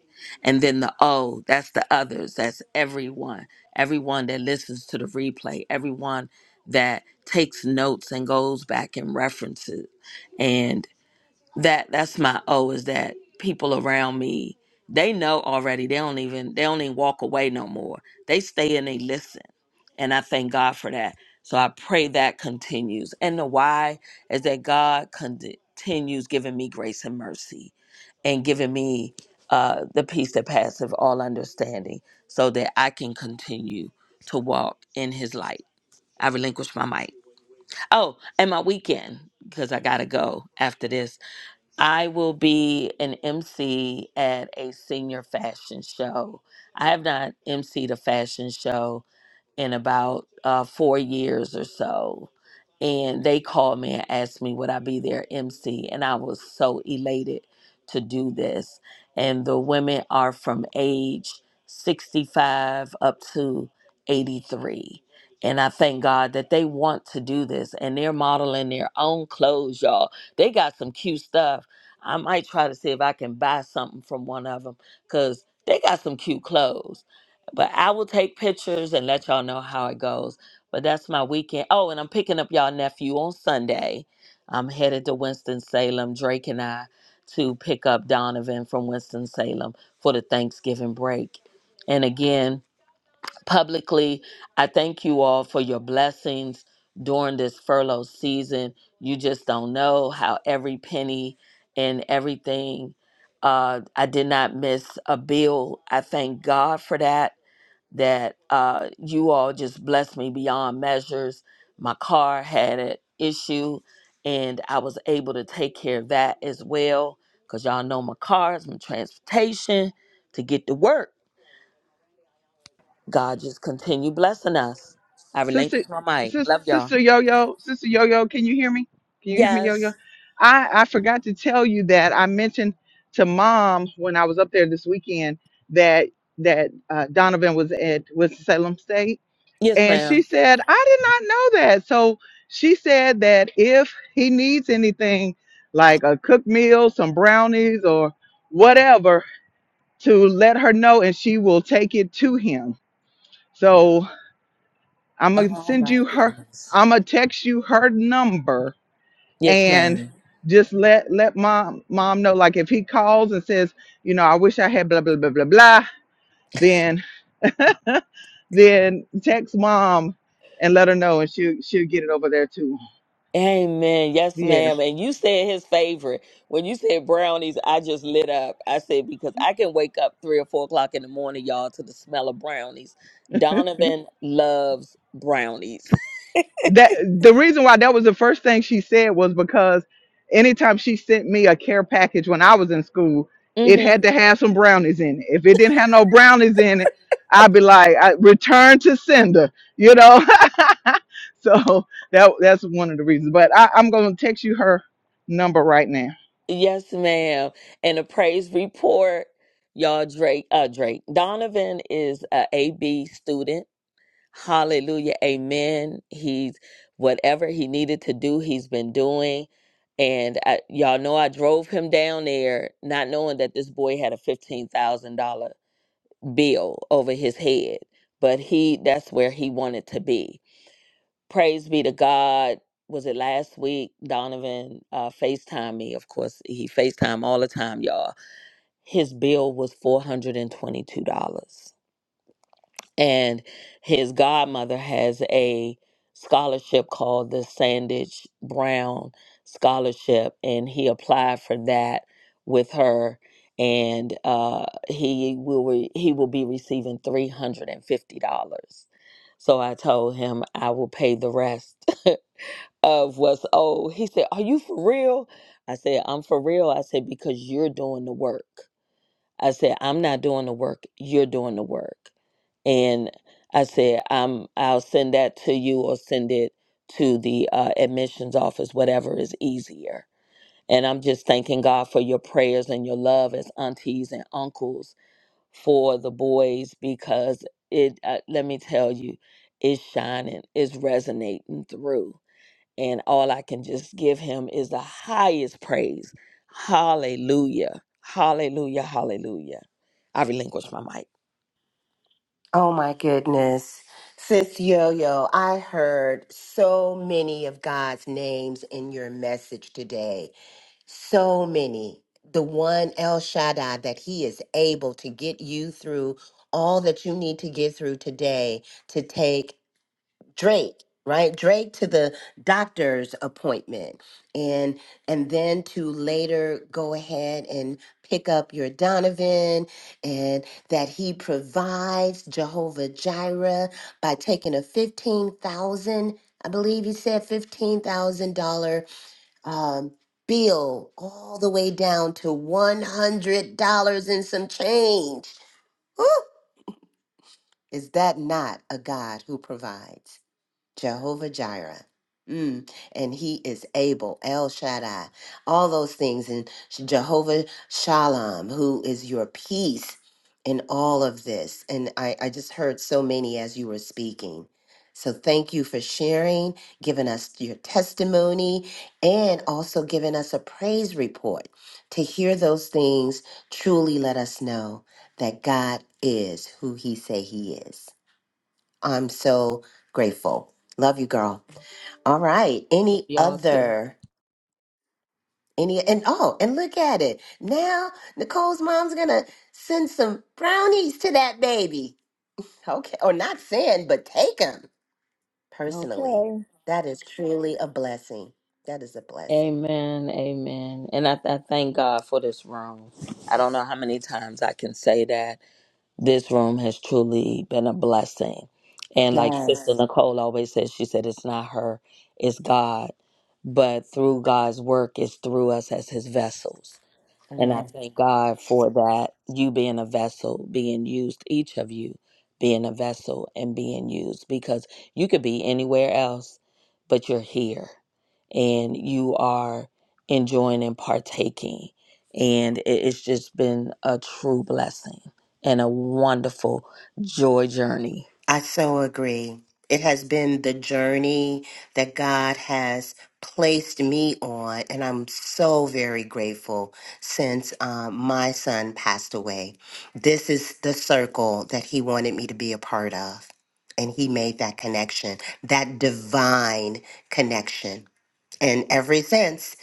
And then the oh, that's the others, that's everyone, everyone that listens to the replay, everyone that takes notes and goes back and references that that's my O is that people around me they know already they don't even they don't even walk away no more they stay and they listen and i thank god for that so i pray that continues and the why is that god con- continues giving me grace and mercy and giving me uh, the peace that passeth all understanding so that i can continue to walk in his light i relinquish my mic oh and my weekend because i gotta go after this I will be an MC at a senior fashion show. I have not emceed a fashion show in about uh, four years or so. And they called me and asked me would I be their MC, and I was so elated to do this. And the women are from age 65 up to 83. And I thank God that they want to do this and they're modeling their own clothes, y'all. They got some cute stuff. I might try to see if I can buy something from one of them because they got some cute clothes but I will take pictures and let y'all know how it goes. But that's my weekend. Oh, and I'm picking up y'all nephew on Sunday. I'm headed to Winston-Salem, Drake and I, to pick up Donovan from Winston-Salem for the Thanksgiving break. And again, publicly, I thank you all for your blessings during this furlough season. You just don't know how every penny and everything. Uh, I did not miss a bill. I thank God for that that uh, you all just blessed me beyond measures. My car had an issue, and I was able to take care of that as well. Cause y'all know my car is my transportation to get to work. God just continue blessing us. I relinquish Sister, my mic. sis, Love y'all. sister Yo Yo, sister Yo Yo, can you hear me? Can you hear me, Yo Yes. Yo? I I forgot to tell you that I mentioned to mom when I was up there this weekend that that uh, Donovan was at Winston Salem State Yes, And she ma'am. said, I did not know that. So she said that if he needs anything like a cooked meal, some brownies, or whatever, to let her know and she will take it to him. So I'm going to Oh send my you her, goodness. I'm going to text you her number Yes, and ma'am. just let let mom mom know like if he calls and says you know i wish i had blah blah blah blah blah then then text mom and let her know and she she'll get it over there too Amen. Yes, yeah ma'am. And you said his favorite. When you said brownies, I just lit up. I said, because I can wake up three or four o'clock in the morning, y'all, to the smell of brownies. Donovan loves brownies. that the reason why that was the first thing she said was because anytime she sent me a care package when I was in school, it Mm-hmm. had to have some brownies in it. If it didn't have no brownies in it, I'd be like, I, return to sender, you know. so that that's one of the reasons. But I, I'm gonna text you her number right now. Yes, ma'am. And a praise report, y'all. Drake, uh, Drake Donovan is a AB student. Hallelujah. Amen. He's whatever he needed to do, he's been doing. And I, y'all know I drove him down there not knowing that this boy had a $15,000 bill over his head, but he that's where he wanted to be. Praise be to God. Was it last week? Donovan uh, FaceTime me. Of course, he FaceTime all the time, y'all. His bill was $422 and his godmother has a scholarship called the Sandage Brown Scholarship, and he applied for that with her, and uh, he will re- he will be receiving three hundred and fifty dollars. So I told him I will pay the rest of what's owed. He said, "Are you for real?" I said, "I'm for real." I said because you're doing the work. I said, I'm not doing the work, you're doing the work. And I said, I'm I'll send that to you or send it to the uh, admissions office, whatever is easier. And I'm just thanking God for your prayers and your love as aunties and uncles for the boys because it uh, let me tell you, it's shining, it's resonating through and all I can just give him is the highest praise. Hallelujah. Hallelujah. Hallelujah. I relinquish my mic. Oh my goodness. Sis Yo Yo, I heard so many of God's names in your message today. so many. The one El Shaddai that He is able to get you through all that you need to get through today to take Drake, right? Drake to the doctor's appointment, and and then to later go ahead and pick up your Donovan, and that He provides Jehovah Jireh by taking a fifteen thousand. I believe he said fifteen thousand dollar um, bill all the way down to $100 and some change. Woo! Is that not a God who provides? Jehovah Jireh. Mm, and he is able, El Shaddai, all those things, and Jehovah Shalom, who is your peace in all of this. And I, I just heard so many as you were speaking. So thank you for sharing, giving us your testimony, and also giving us a praise report. To hear those things truly let us know that God is who he say he is. I'm so grateful. Love you, girl. All right. Any Y'all too. other? Any and oh, and look at it. Now Nicole's mom's gonna send some brownies to that baby. Okay, or not send, but take them personally. Okay. That is truly a blessing. That is a blessing. Amen. Amen. And I, I thank God for this room. I don't know how many times I can say that. This room has truly been a blessing. And like Amen. Sister Yes. Nicole always says, she said, it's not her, it's God. But through God's work, it's through us as his vessels. And I thank God for that, you being a vessel, being used, each of you being a vessel and being used, because you could be anywhere else, but you're here and you are enjoying and partaking. And it- it's just been a true blessing and a wonderful joy journey. I so agree. It has been the journey that God has placed me on, and I'm so very grateful since um, my son passed away. This is the circle that he wanted me to be a part of, and he made that connection, that divine connection. And ever since,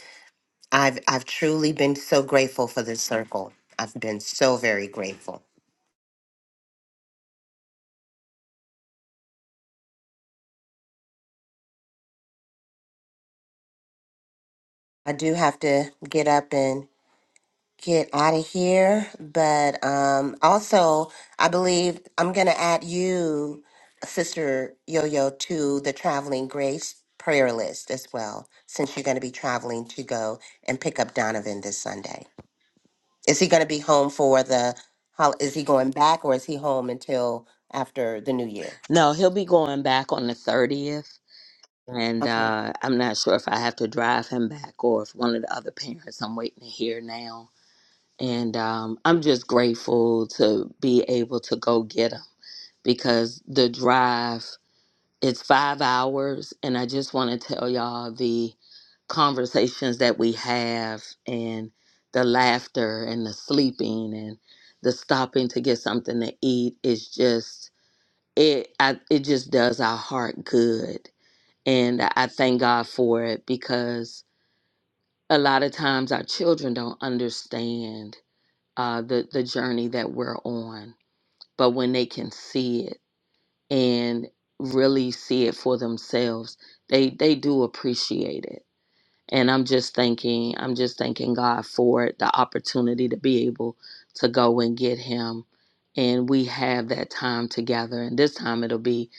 I've I've truly been so grateful for this circle. I've been so very grateful. I do have to get up and. get out of here. But um, also, I believe I'm going to add you, Sister Yo Yo, to the Traveling Grace prayer list as well, since you're going to be traveling to go and pick up Donovan this Sunday. Is he going to be home for the, hol- is he going back or is he home until after the new year? No, he'll be going back on the 30th. And Okay. uh, I'm not sure if I have to drive him back or if one of the other parents, I'm waiting to hear now And um, I'm just grateful to be able to go get them because the drive its five hours. And I just want to tell y'all the conversations that we have and the laughter and the sleeping and the stopping to get something to eat is just it I, it just does our heart good and i thank god for it because a lot of times our children don't understand uh, the the journey that we're on, but when they can see it and really see it for themselves, they they do appreciate it and i'm just thanking i'm just thanking god for the opportunity to be able to go and get him and we have that time together and this time it'll be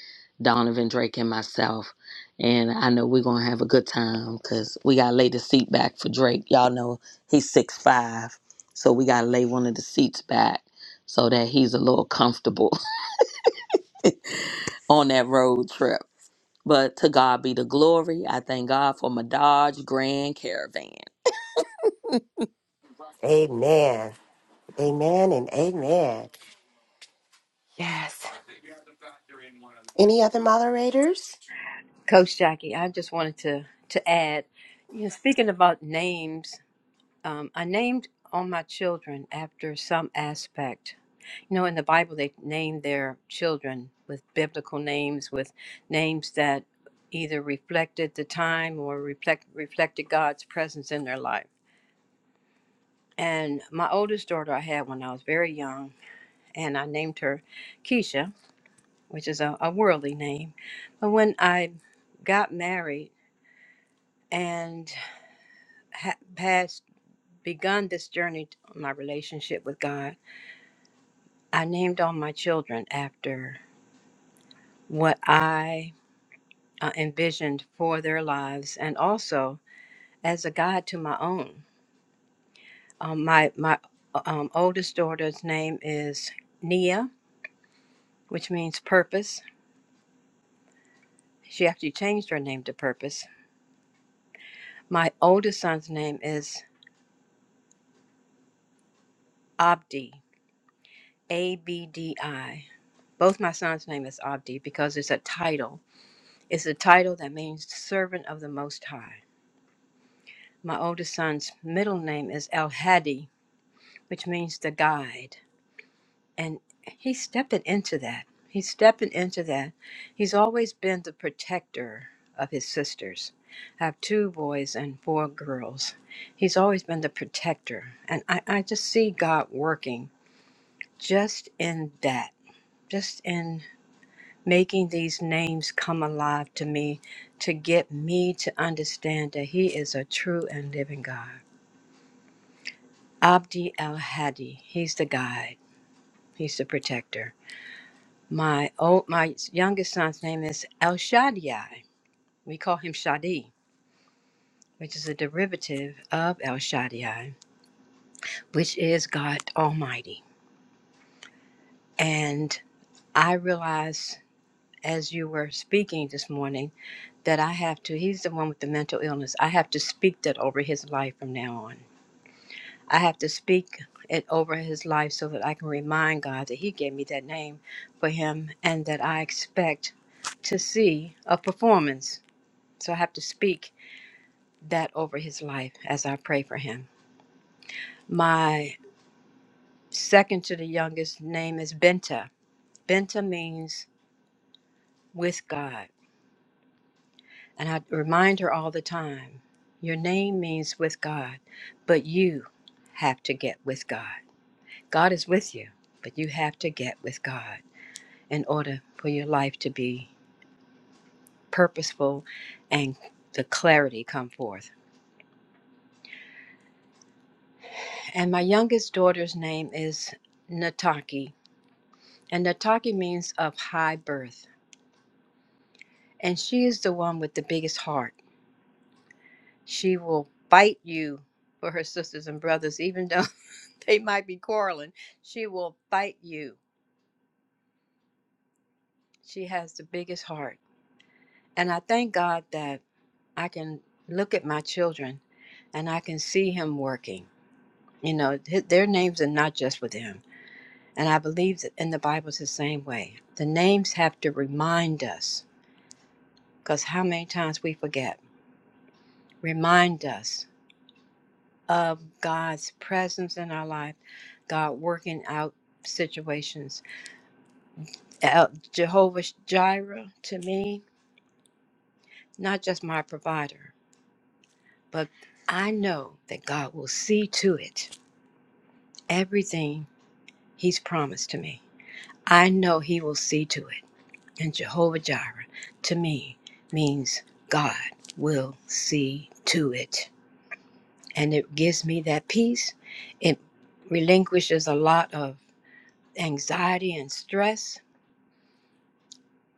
donovan drake and myself and i know we're gonna have a good time because we gotta lay the seat back for drake y'all know he's six five so we gotta lay one of the seats back so that he's a little comfortable on that road trip but to god be the glory i thank god for my dodge grand caravan Amen. Amen and amen. Yes. Any other moderators? Coach Jackie, I just wanted to to add, you know, speaking about names, um, I named all my children after some aspect. You know, in the Bible, they named their children with biblical names, with names that either reflected the time or reflect, reflected God's presence in their life. And my oldest daughter I had when I was very young, and I named her Keisha, which is a, a worldly name. But when I got married and ha- had begun this journey, to my relationship with God, I named all my children after what I uh, envisioned for their lives and also as a guide to my own. Um, my my uh, um, oldest daughter's name is Nia, which means purpose She actually changed her name to Purpose. My oldest son's name is Abdi, A B D I. Both my sons' name is Abdi because it's a title. It's a title that means servant of the Most High. My oldest son's middle name is El Hadi, which means the guide. and he's stepping into that. He's stepping into that. He's always been the protector of his sisters. I have two boys and four girls. He's always been the protector. And I, I just see God working just in that, just in making these names come alive to me to get me to understand that He is a true and living God. Abdi El Hadi, He's the guide, He's the protector. My old, my youngest son's name is El Shaddai. We call him Shadi, which is a derivative of El Shaddai, which is God Almighty. And I realized as you were speaking this morning that I have to, he's the one with the mental illness. I have to speak that over his life from now on. I have to speak it over his life so that I can remind God that he gave me that name for him and that I expect to see a performance. So I have to speak that over his life as I pray for him. My second to the youngest name is Benta. Benta means with God. And I remind her all the time your name means with God, but you have to get with God. God is with you, but you have to get with God in order for your life to be purposeful and the clarity come forth. And my youngest daughter's name is Nataki, and Nataki means of high birth And she is the one with the biggest heart. She will fight you for her sisters and brothers, even though they might be quarreling. She will fight you. She has the biggest heart. And I thank God that I can look at my children and I can see Him working. You know, th- their names are not just with Him. And I believe that in the Bible it's the same way. The names have to remind us, because how many times we forget. Remind us of God's presence in our life, God working out situations. Uh, Jehovah Jireh to me, not just my provider, but I know that God will see to it everything He's promised to me. I know He will see to it. And Jehovah Jireh to me means God will see to it. And it gives me that peace. It relinquishes a lot of anxiety and stress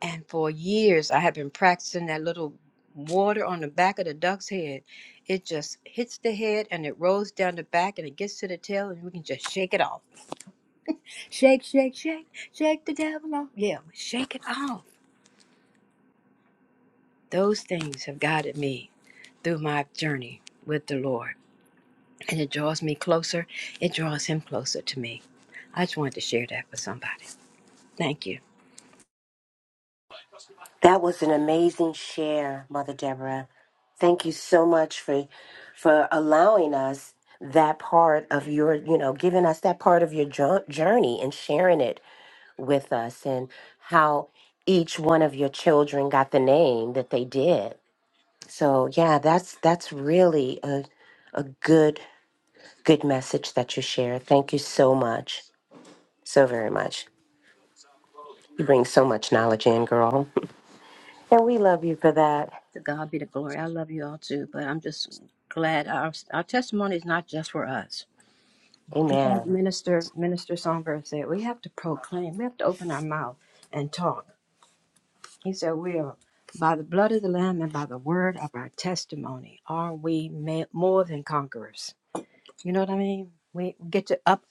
And for years, I have been practicing that little water on the back of the duck's head. It just hits the head and it rolls down the back and it gets to the tail, and we can just shake it off. Shake, shake, shake, shake the devil off. Yeah, shake it off. Those things have guided me through my journey with the Lord. And it draws me closer, it draws Him closer to me. I just wanted to share that with somebody. Thank you. That was an amazing share, Mother Deborah. Thank you so much for for allowing us that part of your, you know, giving us that part of your jo- journey and sharing it with us and how each one of your children got the name that they did. So, yeah, that's that's really a a good good message that you share. Thank you so much. So very much. You bring so much knowledge in, girl. And we love you for that. To God be the glory. I love you all too, but I'm just glad our, our testimony is not just for us It's like Amen. Minister Minister Songbird said, we have to proclaim, we have to open our mouth and talk. He said, we are by the blood of the Lamb and by the word of our testimony are we ma- more than conquerors. You know what I mean? We get to up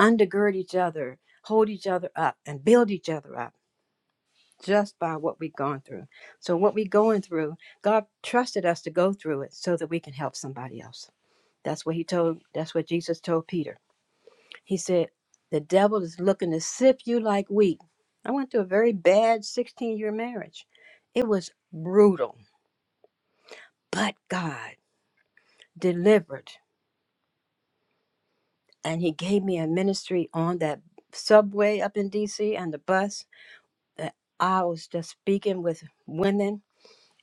undergird each other, hold each other up, and build each other up just by what we've gone through. So what we're going through, God trusted us to go through it so that we can help somebody else. That's what he told. That's what Jesus told Peter. He said, The devil is looking to sift you like wheat. I went through a very bad 16 year marriage. It was brutal, but God delivered. And He gave me a ministry on that subway up in DC and the bus that I was just speaking with women.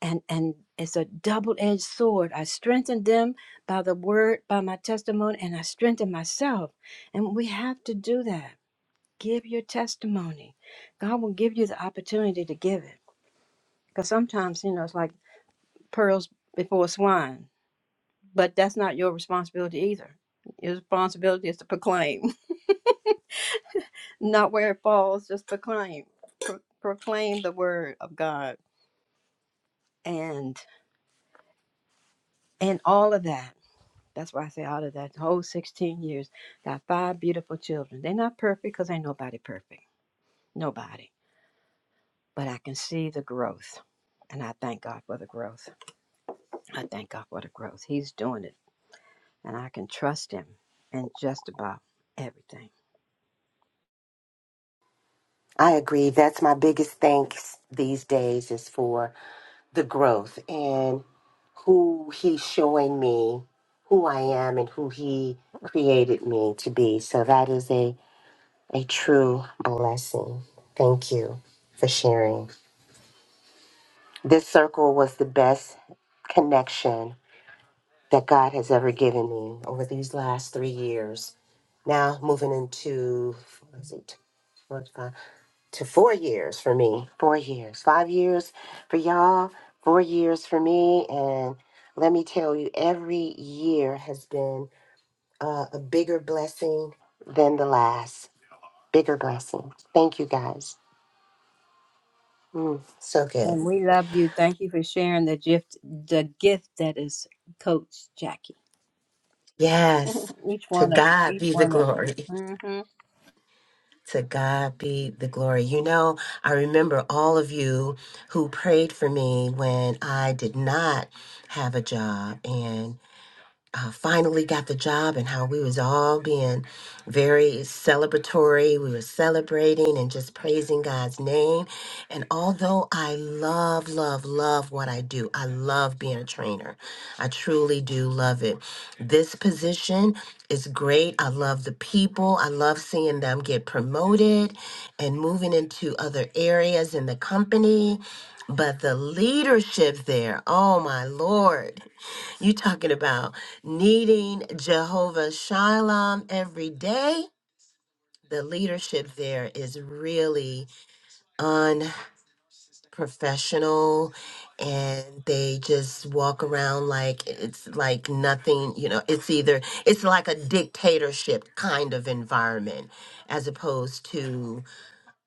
And, and it's a double edged sword. I strengthened them by the word, by my testimony, and I strengthened myself. And we have to do that Give your testimony. God will give you the opportunity to give it. Because sometimes, you know, it's like pearls before swine, but that's not your responsibility either. Your responsibility is to proclaim, not where it falls, just proclaim. Pro- proclaim the word of God and and all of that. That's why I say all of that. The whole 16 years, got five beautiful children. They're not perfect because ain't nobody perfect. Nobody. But I can see the growth. And I thank God for the growth. I thank God for the growth. He's doing it, and I can trust Him in just about everything. I agree. That's my biggest thanks these days is for the growth and who he's showing me who I am and who he created me to be. So that is a, a true blessing. Thank you for sharing. This circle was the best connection that God has ever given me over these last three years. Now moving into what is it? to four years for me. Four years. Five years for y'all. Four years for me. And let me tell you, every year has been uh, a bigger blessing than the last. Bigger blessing. Thank you guys. Mm, so And good. we love you. Thank you for sharing the gift, the gift that is Coach Jackie. Yes. each To one of God each be the one of you. glory. hmm To God be the glory. You know, I remember all of you who prayed for me when I did not have a job. and. uh, finally got the job and how we was all being very celebratory. We were celebrating and just praising God's name. And although I love, love, love what I do, I love being a trainer. I truly do love it. This position is great. I love the people. I love seeing them get promoted and moving into other areas in the company. But the leadership there, oh my Lord. You talking about needing Jehovah Shalom every day? The leadership there is really unprofessional and they just walk around like it's like nothing, you know, it's either it's like a dictatorship kind of environment as opposed to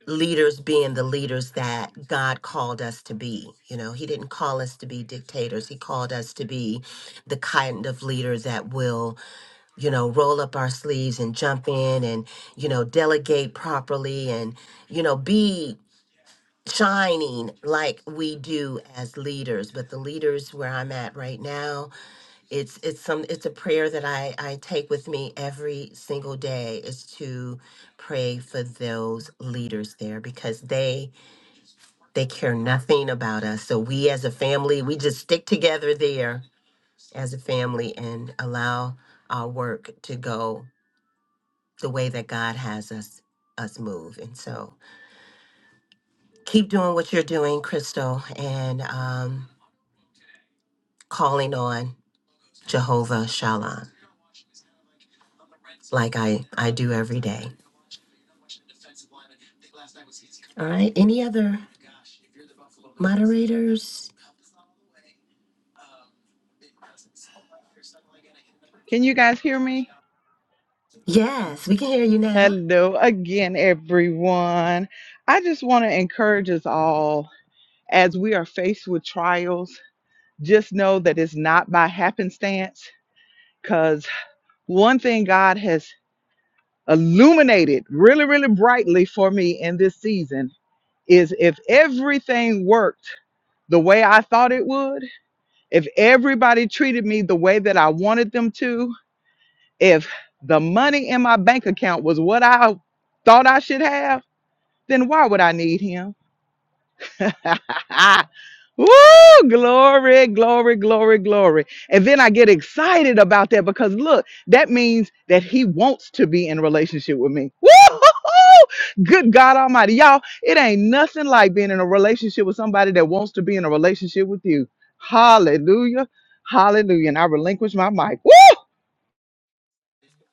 leaders being the leaders that God called us to be. You know, he didn't call us to be dictators. He called us to be the kind of leaders that will you know, roll up our sleeves and jump in and, you know, delegate properly and, you know, be shining like we do as leaders. But the leaders where I'm at right now, it's it's some it's a prayer that I, I take with me every single day is to pray for those leaders there because they they care nothing about us. So we as a family, we just stick together there as a family and allow our work to go the way that God has us us move. And so keep doing what you're doing, Crystal, and um, calling on Jehovah Shalom, like I, I do every day. All right. Any other moderators? Can you guys hear me? Yes, we can hear you now. Hello again, everyone. I just want to encourage us all as we are faced with trials, just know that it's not by happenstance. Because one thing God has illuminated really, really brightly for me in this season is if everything worked the way I thought it would, if everybody treated me the way that I wanted them to, if the money in my bank account was what I thought I should have then why would I need him? Woo! Glory, glory, glory, glory. And then I get excited about that because look, that means that he wants to be in relationship with me. Woo! Good God Almighty. Y'all, it ain't nothing like being in a relationship with somebody that wants to be in a relationship with you. Hallelujah. Hallelujah. And I relinquish my mic. Woo!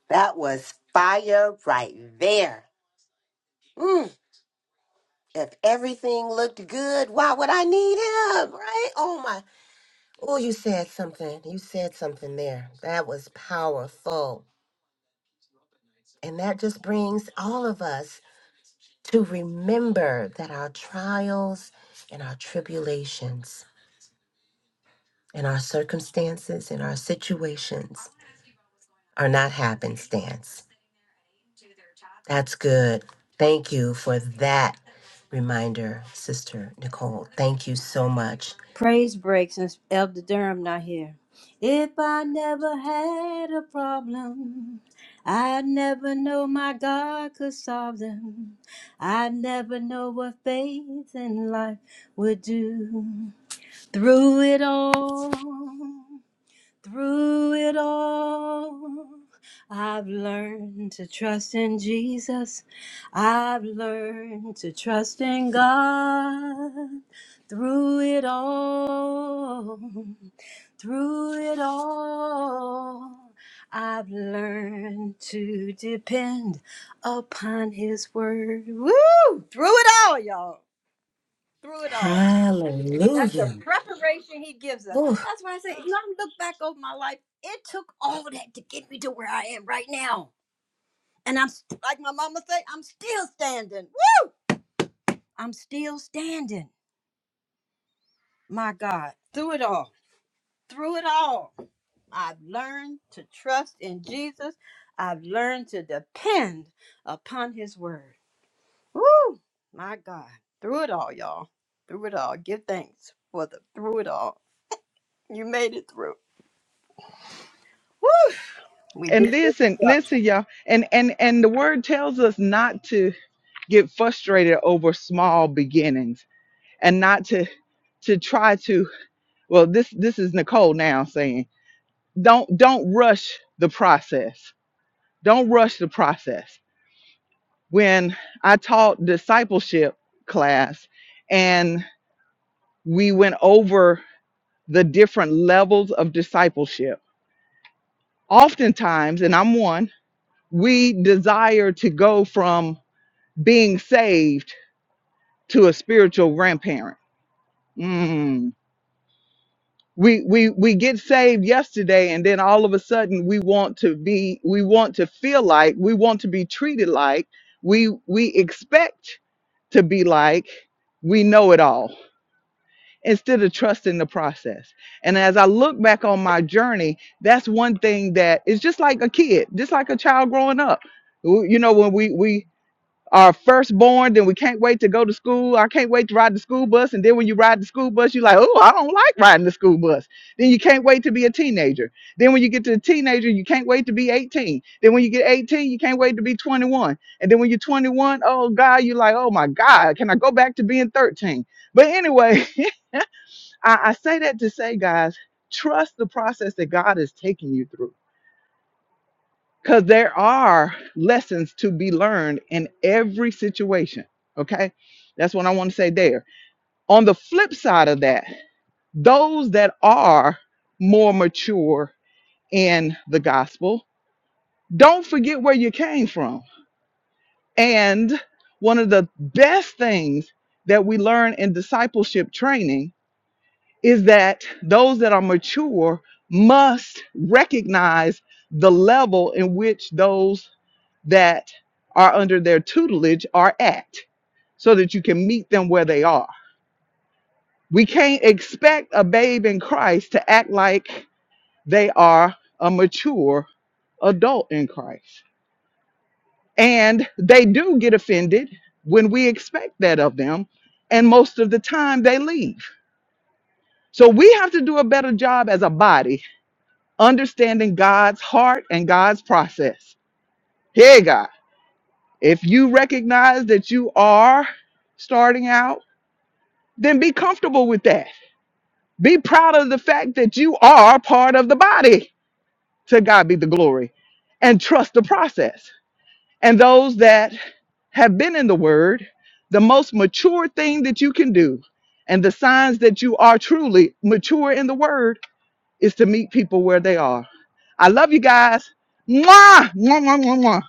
That was fire right there. Mm, if everything looked good, why would I need him? Right? Oh my. Oh, you said something. You said something there. That was powerful. And that just brings all of us to remember that our trials and our tribulations and our circumstances and our situations are not happenstance. That's good. Thank you for that reminder, Sister Nicole. Thank you so much. Praise break since Elder Durham not here. If I never had a problem, I'd never know my God could solve them. I'd never know what faith in life would do. Through it all, through it all, I've learned to trust in Jesus. I've learned to trust in God. Through it all, through it all, I've learned to depend upon His word. Woo! Through it all, y'all. Through it all. That's the Hallelujah. preparation he gives us. Ooh, That's why I say, you know, I look back over my life. It took all that to get me to where I am right now. And I'm, like my mama say, I'm still standing. Woo! I'm still standing. My God. Through it all. Through it all. I've learned to trust in Jesus. I've learned to depend upon his word. Woo! My God. Through it all, y'all. Through it all. Give thanks for the through it all. You made it through. Woo! We And did this. listen, listen, y'all. And and and the word tells us not to get frustrated over small beginnings and not to to try to well this this is Nicole now saying don't don't rush the process. Don't rush the process. When I taught discipleship class and we went over the different levels of discipleship. Oftentimes, and I'm one, we desire to go from being saved to a spiritual grandparent. Mm. We we we get saved yesterday, and then all of a sudden we want to be, we want to feel like, we want to be treated like, we we expect to be like, we know it all, instead of trusting the process. And as I look back on my journey, that's one thing that is just like a kid, just like a child growing up. You know, when we we Our firstborn, then we can't wait to go to school. I can't wait to ride the school bus. And then when you ride the school bus, you're like, oh, I don't like riding the school bus. Then you can't wait to be a teenager. Then when you get to a teenager, you can't wait to be 18. Then when you get 18, you can't wait to be 21. And then when you're 21, oh God, you're like, oh my God, can I go back to being 13? But anyway, I, I say that to say, guys, trust the process that God is taking you through because there are lessons to be learned in every situation. Okay. That's what I want to say there. On the flip side of that, those that are more mature in the gospel, don't forget where you came from. And one of the best things that we learn in discipleship training is that those that are mature must recognize the level in which those that are under their tutelage are at so that you can meet them where they are. We can't expect a babe in Christ to act like they are a mature adult in Christ. And they do get offended when we expect that of them. And most of the time they leave. So we have to do a better job as a body understanding God's heart and God's process. Hey, God, if you recognize that you are starting out, then be comfortable with that. Be proud of the fact that you are part of the body. To God be the glory and trust the process. And those that have been in the word, the most mature thing that you can do and the signs that you are truly mature in the word is to meet people where they are. I love you guys. Mwah, mwah, mwah, mwah, mwah.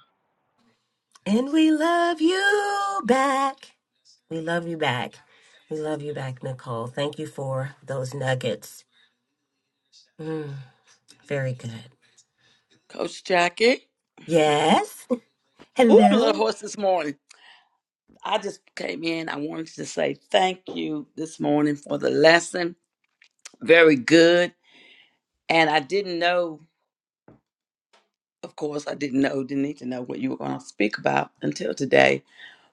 and we love you back. We love you back. We love you back, Nicole. Thank you for those nuggets. Mm, very good. Coach Jackie. Yes. Ooh, I'm a little Hello. hoarse this morning. I just came in. I wanted to say thank you this morning for the lesson. Very good. And I didn't know, of course, I didn't know, didn't need to know what you were going to speak about until today.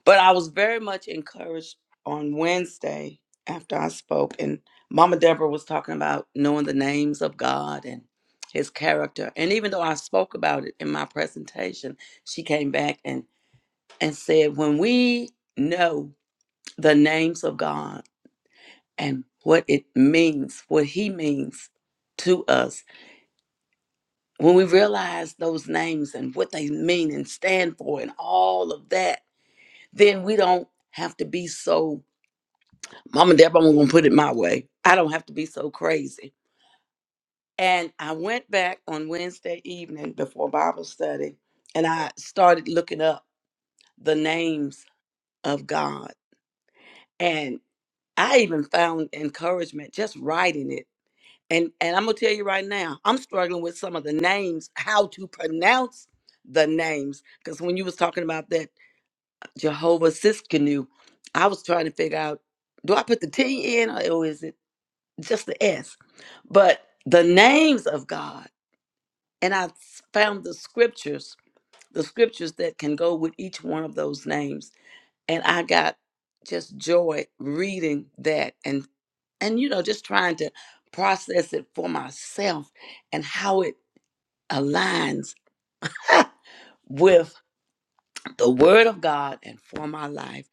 But I was very much encouraged on Wednesday after I spoke. And Mama Deborah was talking about knowing the names of God and his character. And even though I spoke about it in my presentation, she came back and and said, When we know the names of God and what it means, what He means to us, when we realize those names and what they mean and stand for and all of that, then we don't have to be so, Mama Deborah, I'm going to put it my way. I don't have to be so crazy. And I went back on Wednesday evening before Bible study and I started looking up the names of God I even found encouragement just writing it. And and I'm gonna tell you right now, I'm struggling with some of the names, how to pronounce the names. Because when you was talking about that Jehovah Siskinu, I was trying to figure out, do I put the T in or or is it just the S? But the names of God, and I s- found the scriptures, the scriptures that can go with each one of those names. And I got just joy reading that and you know just trying to process it for myself and how it aligns with the word of god and for my life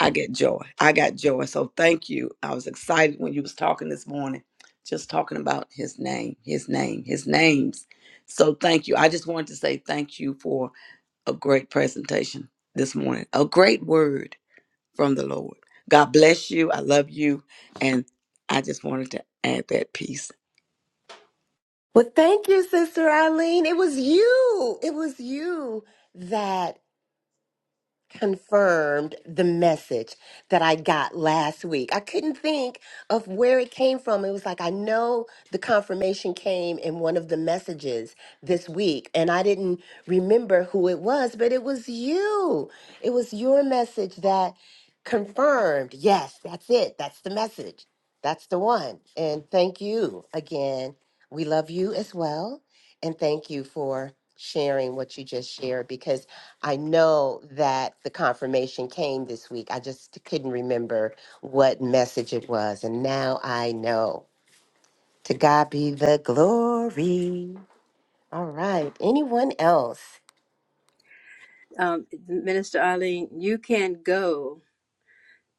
i get joy i got joy so thank you i was excited when you was talking this morning just talking about his name his name his names so thank you i just wanted to say thank you for a great presentation this morning a great word from the lord god bless you i love you and i just wanted to add that piece Well, thank you, Sister Eileen. It was you. It was you that confirmed the message that I got last week. I couldn't think of where it came from. It was like I know the confirmation came in one of the messages this week, and I didn't remember who it was, but it was you. It was your message that confirmed yes, that's it. That's the message. That's the one. And thank you again. We love you as well. And thank you for sharing what you just shared because. I know that the confirmation came this week. I just couldn't remember what message it was. And now I know. To God be the glory. All right. Anyone else? Um, Minister Arlene, you can go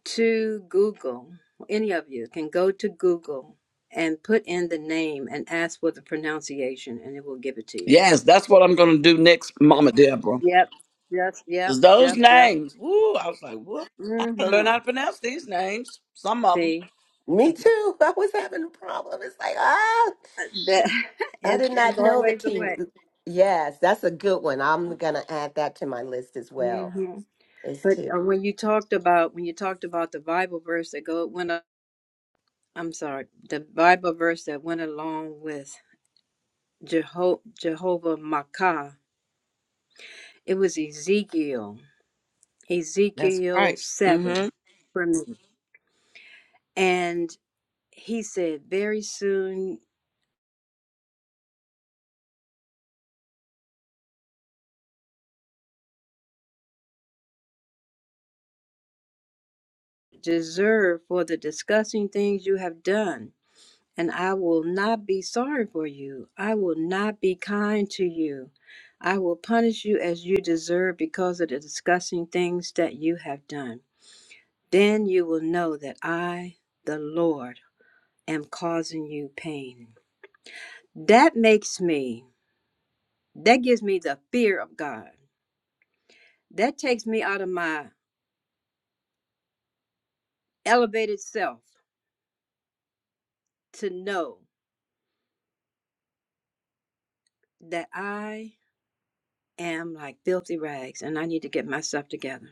to Google, any of you can go to Google and put in the name and ask for the pronunciation, and it will give it to you. Yes, that's what I'm gonna do next, Mama Deborah. Yep, yep, yep, Is Those yep, yep. names. Woo! I was like, what? I gotta learn Mm-hmm. how to pronounce these names. Some of them. See, Me too. I was having a problem. It's like, ah, So, that, I did it, not there's know the always a team. way. Yes, that's a good one. I'm going to add that to my list as well. hmm Is But two. uh, when you talked about when you talked about the Bible verse that go went, a- I'm sorry, the Bible verse that went along with Jeho- Jehovah Makkah it was Ezekiel, That's Ezekiel right. 7 hmm for me. And he said, Very soon deserve for the disgusting things you have done. And I will not be sorry for you. I will not be kind to you. I will punish you as you deserve because of the disgusting things that you have done. Then you will know that I, the Lord, am causing you pain. That makes me, that gives me the fear of God That takes me out of my elevated self to know that I am like filthy rags and I need to get myself together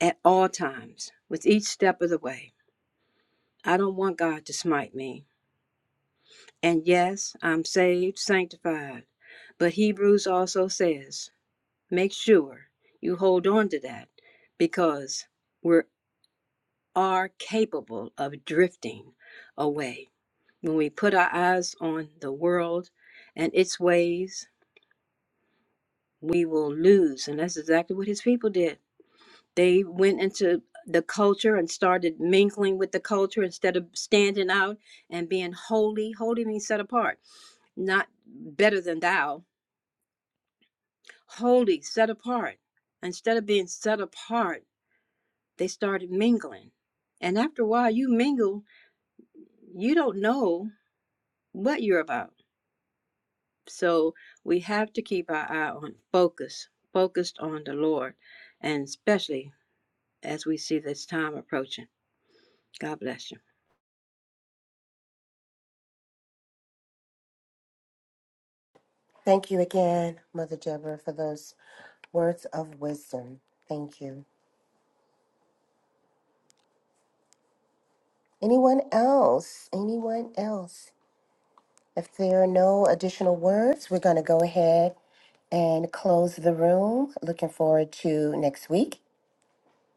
at all times with each step of the way. I don't want God to smite me. And yes, I'm saved, sanctified. But Hebrews also says, make sure you hold on to that because we are capable of drifting away. When we put our eyes on the world and its ways we will lose. And that's exactly what his people did. They went into the culture and started mingling with the culture instead of standing out and being holy. Holy means set apart, not better than thou. Holy, set apart. Instead of being set apart, they started mingling. And after a while, you mingle, you don't know what you're about. So we have to keep our eye on focus, focused on the Lord, and especially as we see this time approaching. God bless you. Thank you again, Mother Deborah, for those words of wisdom. Thank you. Anyone else? Anyone else? If there are no additional words, we're going to go ahead and close the room. Looking forward to next week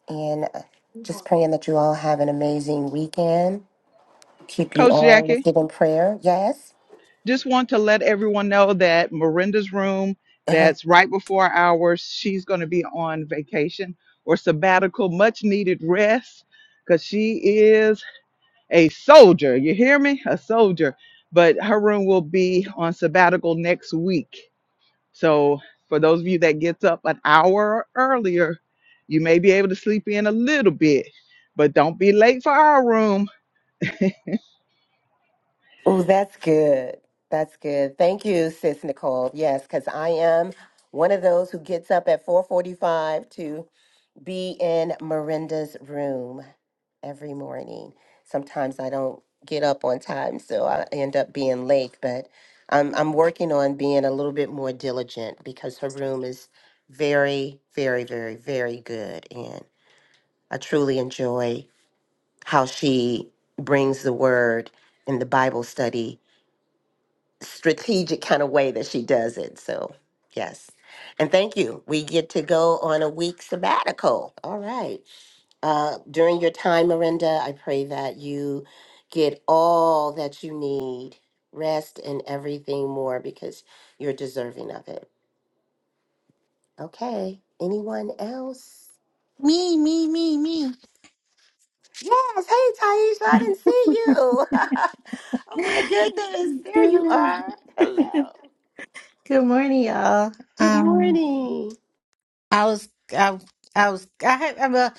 and uh, just praying that you all have an amazing weekend. Keep you Coach all Jackie. lifted in prayer. Yes? just want to let everyone know that Miranda's room, Uh-huh. that's right before ours, she's going to be on vacation or sabbatical, much needed rest, because she is a soldier. You hear me? A soldier. But her room will be on sabbatical next week. So for those of you that gets up an hour earlier, you may be able to sleep in a little bit, but don't be late for our room Oh, that's good. That's good. Thank you, Sis Nicole. Yes, because I am one of those who gets up at 445 be in Miranda's room every morning. Sometimes I don't get up on time, so I end up being late, but I'm, I'm working on being a little bit more diligent because her room is very, very, very, very good. And I truly enjoy how she brings the word in the Bible study strategic kind of way that she does it. So, yes. And thank you. We get to go on a week sabbatical. All right uh, during your time, Miranda, I pray that you get all that you need, rest and everything more because you're deserving of it. Okay. Anyone else? Me, me, me, me. Yes. Hey, Taisha, I didn't see you. oh my goodness. There Good you morning. are. Hello. Good morning, y'all. Good Um, morning. I was, I, I was, I had, I'm uh,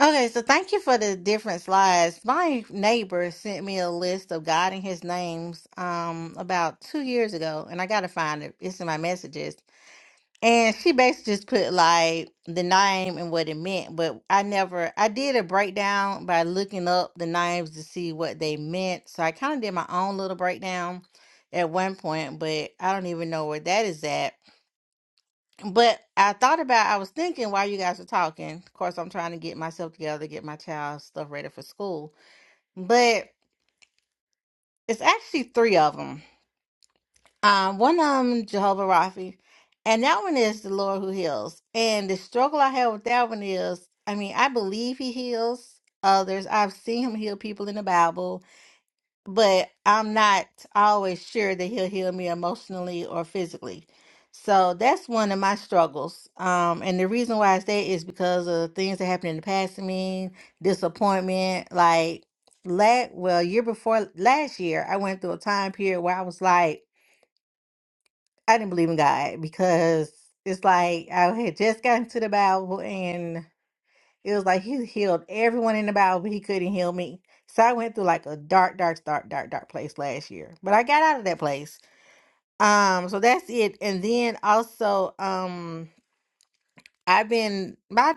okay. So thank you for the different slides. My neighbor sent me a list of God and His names, um, about two years ago, and I gotta find it. It's in my messages. And she basically just put like the name and what it meant, but I never I did a breakdown by looking up the names to see what they meant. So I kind of did my own little breakdown at one point, but I don't even know where that is at. But I thought about I was thinking while you guys were talking. Of course, I'm trying to get myself together, get my child's stuff ready for school. But it's actually three of them Um, one of them Jehovah Rapha, and that one is the Lord who heals. And the struggle I have with that one is, I mean, I believe He heals others. I've seen Him heal people in the Bible, but I'm not always sure that He'll heal me emotionally or physically. So that's one of my struggles. Um, and the reason why I say is because of things that happened in the past to me, disappointment, like. Last, well, year before last year, I went through a time period where I was like, I didn't believe in God because it's like I had just gotten to the Bible and it was like he healed everyone in the Bible, but he couldn't heal me. So I went through like a dark, dark, dark, dark, dark place last year. But I got out of that place. Um, so that's it. And then also, um, I've been my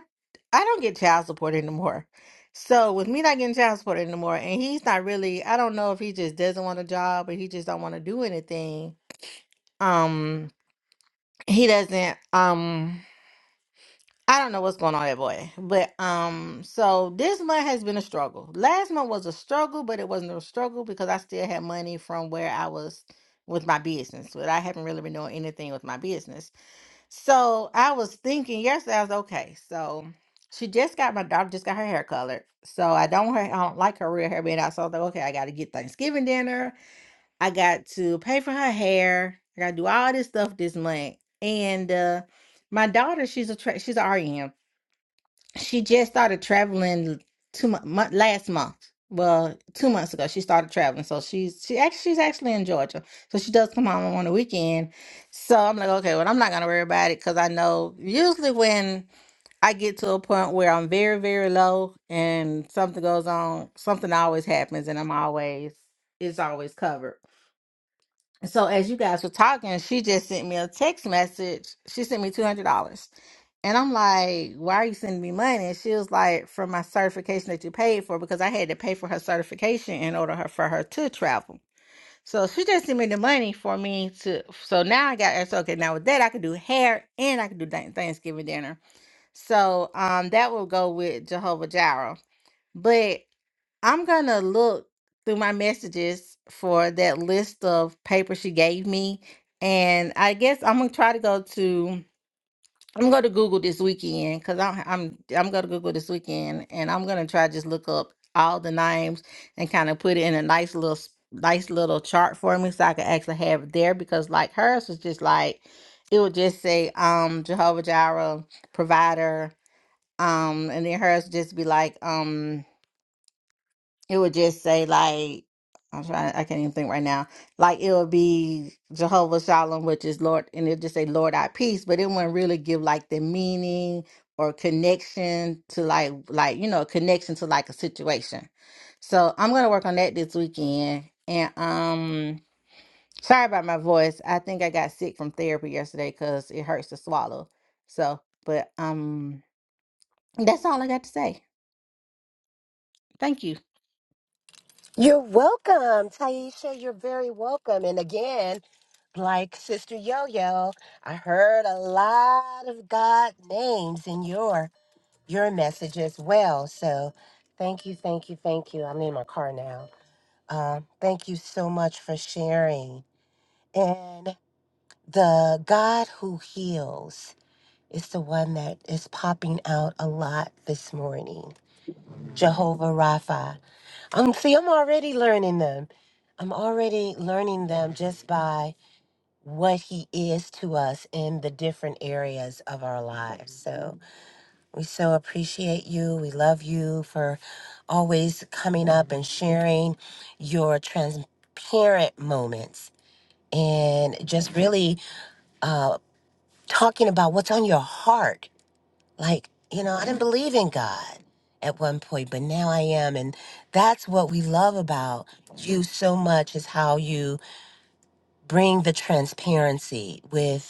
I don't get child support anymore. So with me not getting child support anymore, and he's not really I don't know if he just doesn't want a job or he just don't want to do anything. Um, he doesn't. Um I don't know what's going on with that boy. But um so this month has been a struggle. Last month was a struggle, but it wasn't a struggle because I still had money from where I was with my business. But I haven't really been doing anything with my business. So I was thinking yesterday, I was like, okay. So she just got my daughter just got her hair colored. So I don't want her, I don't like her real hair being out. So I was like, okay, I gotta get Thanksgiving dinner. I got to pay for her hair. I gotta do all this stuff this month. And uh my daughter, she's a tra- she's a RN. She just started traveling two month, month last month. Well, two months ago she started traveling, so she's she actually she's actually in Georgia, so she does come home on the weekend. So I'm like, okay, well I'm not gonna worry about it because I know usually when I get to a point where I'm very very low and something goes on, something always happens, and I'm always it's always covered. So as you guys were talking, she just sent me a text message. She sent me two hundred dollars, and I'm like, "Why are you sending me money?" And she was like, "For my certification that you paid for, because I had to pay for her certification in order her, for her to travel." So she just sent me the money for me to. So now I got so okay. Now with that, I could do hair and I could do Thank- Thanksgiving dinner. So um, that will go with Jehovah Jireh, but. I'm gonna look through my messages for that list of papers she gave me, and I guess I'm gonna try to go to. I'm gonna go to Google this weekend because I'm I'm I'm gonna Google this weekend, and I'm gonna try to just look up all the names and kind of put it in a nice little s- nice little chart for me so I can actually have it there because like hers was just like it would just say um Jehovah Jireh provider um and then hers would just be like um, it would just say like I'm trying. I can't even think right now. Like it would be Jehovah Shalom, which is Lord, and it'd just say Lord our peace, but it wouldn't really give like the meaning or connection to like like you know connection to like a situation. So I'm gonna work on that this weekend. And um, sorry about my voice. I think I got sick from therapy yesterday because it hurts to swallow. So, but um, that's all I got to say. Thank you. You're welcome, Taisha. You're very welcome. And again, like Sister Yo Yo, I heard a lot of God names in your your message as well. So thank you, thank you, thank you. I'm in my car now. Um, thank you so much for sharing. And the God who heals is the one that is popping out a lot this morning. Jehovah Rapha. Um, see, I'm already learning them. I'm already learning them just by what he is to us in the different areas of our lives. So. We so appreciate you. We love you for always coming up and sharing your transparent moments and just really talking about what's on your heart. Like, you know, I didn't believe in God at one point, but now I am. And that's what we love about you so much is how you bring the transparency with.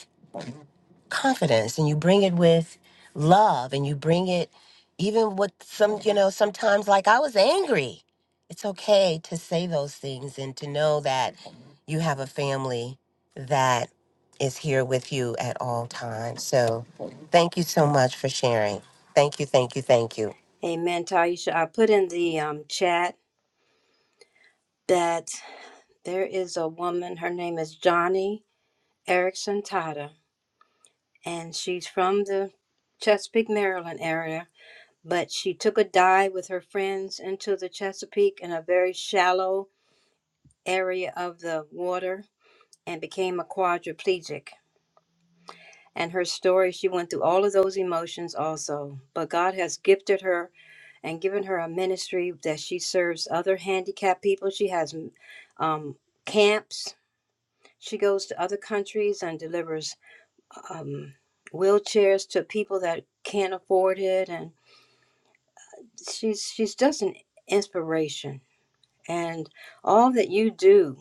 confidence and you bring it with love and you bring it even with some you know sometimes like i was angry it's okay to say those things and to know that you have a family that is here with you at all times so thank you so much for sharing thank you thank you thank you Amen, Taisha. I put in the um, chat that there is a woman, her name is Johnny Erickson Tata, and she's from the Chesapeake, Maryland area. But she took a dive with her friends into the Chesapeake in a very shallow area of the water and became a quadriplegic. and her story, she went through all of those emotions also. But God has gifted her and given her a ministry that she serves other handicapped people. She has um, camps. She goes to other countries and delivers um, wheelchairs to people that can't afford it. And she's she's just an inspiration. And all that you do,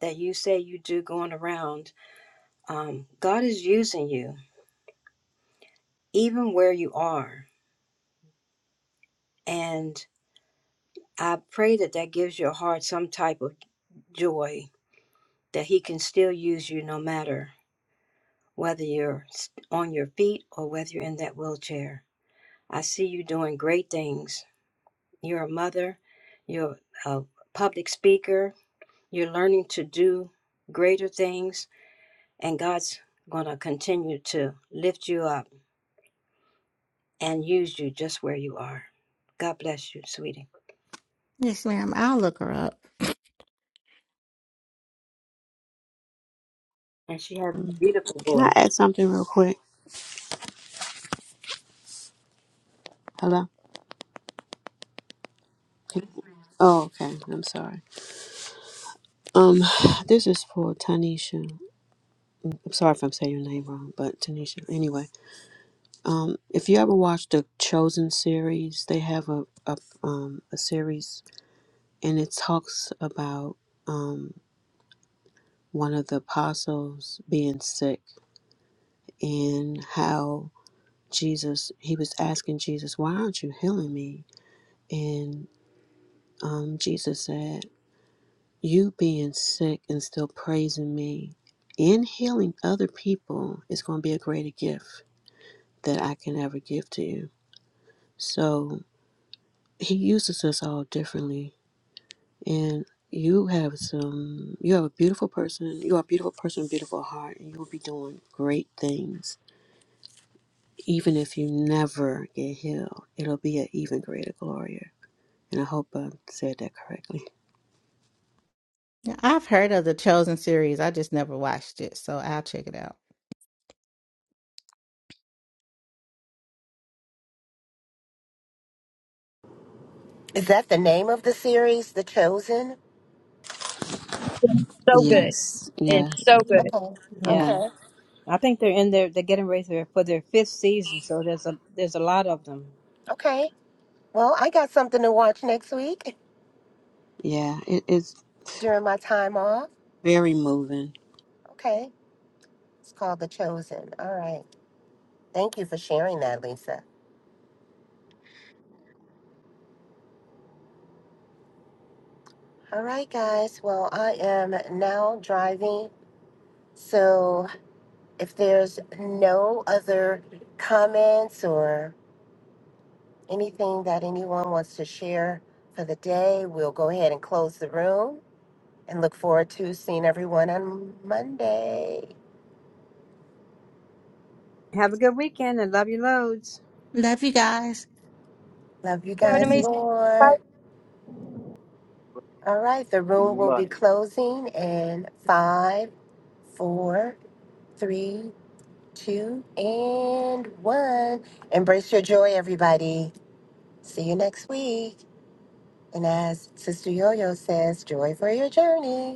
that you say you do, going around, um, God is using you, even where you are. and. I pray that that gives your heart some type of joy that He can still use you no matter whether you're s- on your feet or whether you're in that wheelchair. I see you doing great things. You're a mother, you're a public speaker, you're learning to do greater things, and God's going to continue to lift you up and use you just where you are. God bless you, sweetie. Yes, ma'am. I'll look her up. And she has a beautiful Can I voice. add something real quick? Hello. Can- Oh, okay. I'm sorry. Um, this is for Tanisha. I'm sorry if I'm saying your name wrong, but Tanisha. Anyway, um, if you ever watch the Chosen series, they have a a um a series and it talks about um one of the apostles being sick and how Jesus, he was asking Jesus, Why aren't you healing me? And um, Jesus said, You being sick and still praising me and healing other people is going to be a greater gift that I can ever give to you. So he uses us all differently. And you have some, you have a beautiful person, you are a beautiful person, beautiful heart, and you will be doing great things even if you never get healed, it'll be an even greater glory. And I hope I said that correctly. I've heard of the Chosen series. I just never watched it, so I'll check it out. is that the name of the series the chosen So good. Yes, It's yes, so good. okay yeah, okay I think they're in there. They're getting ready for their for their fifth season, so there's a there's a lot of them. okay well i got something to watch next week yeah. It, it's during my time off very moving. okay It's called The Chosen. All right. Thank you for sharing that, Lisa. All right, guys. Well, I am now driving. So if there's no other comments or anything that anyone wants to share for the day, we'll go ahead and close the room and look forward to seeing everyone on Monday. Have a good weekend and love you loads. Love you guys. Love you Have an guys amazing more. All right. The room will be closing in five, four, three, two, and one. Embrace your joy, everybody. See you next week. And as Sister Yo Yo says, joy for your journey.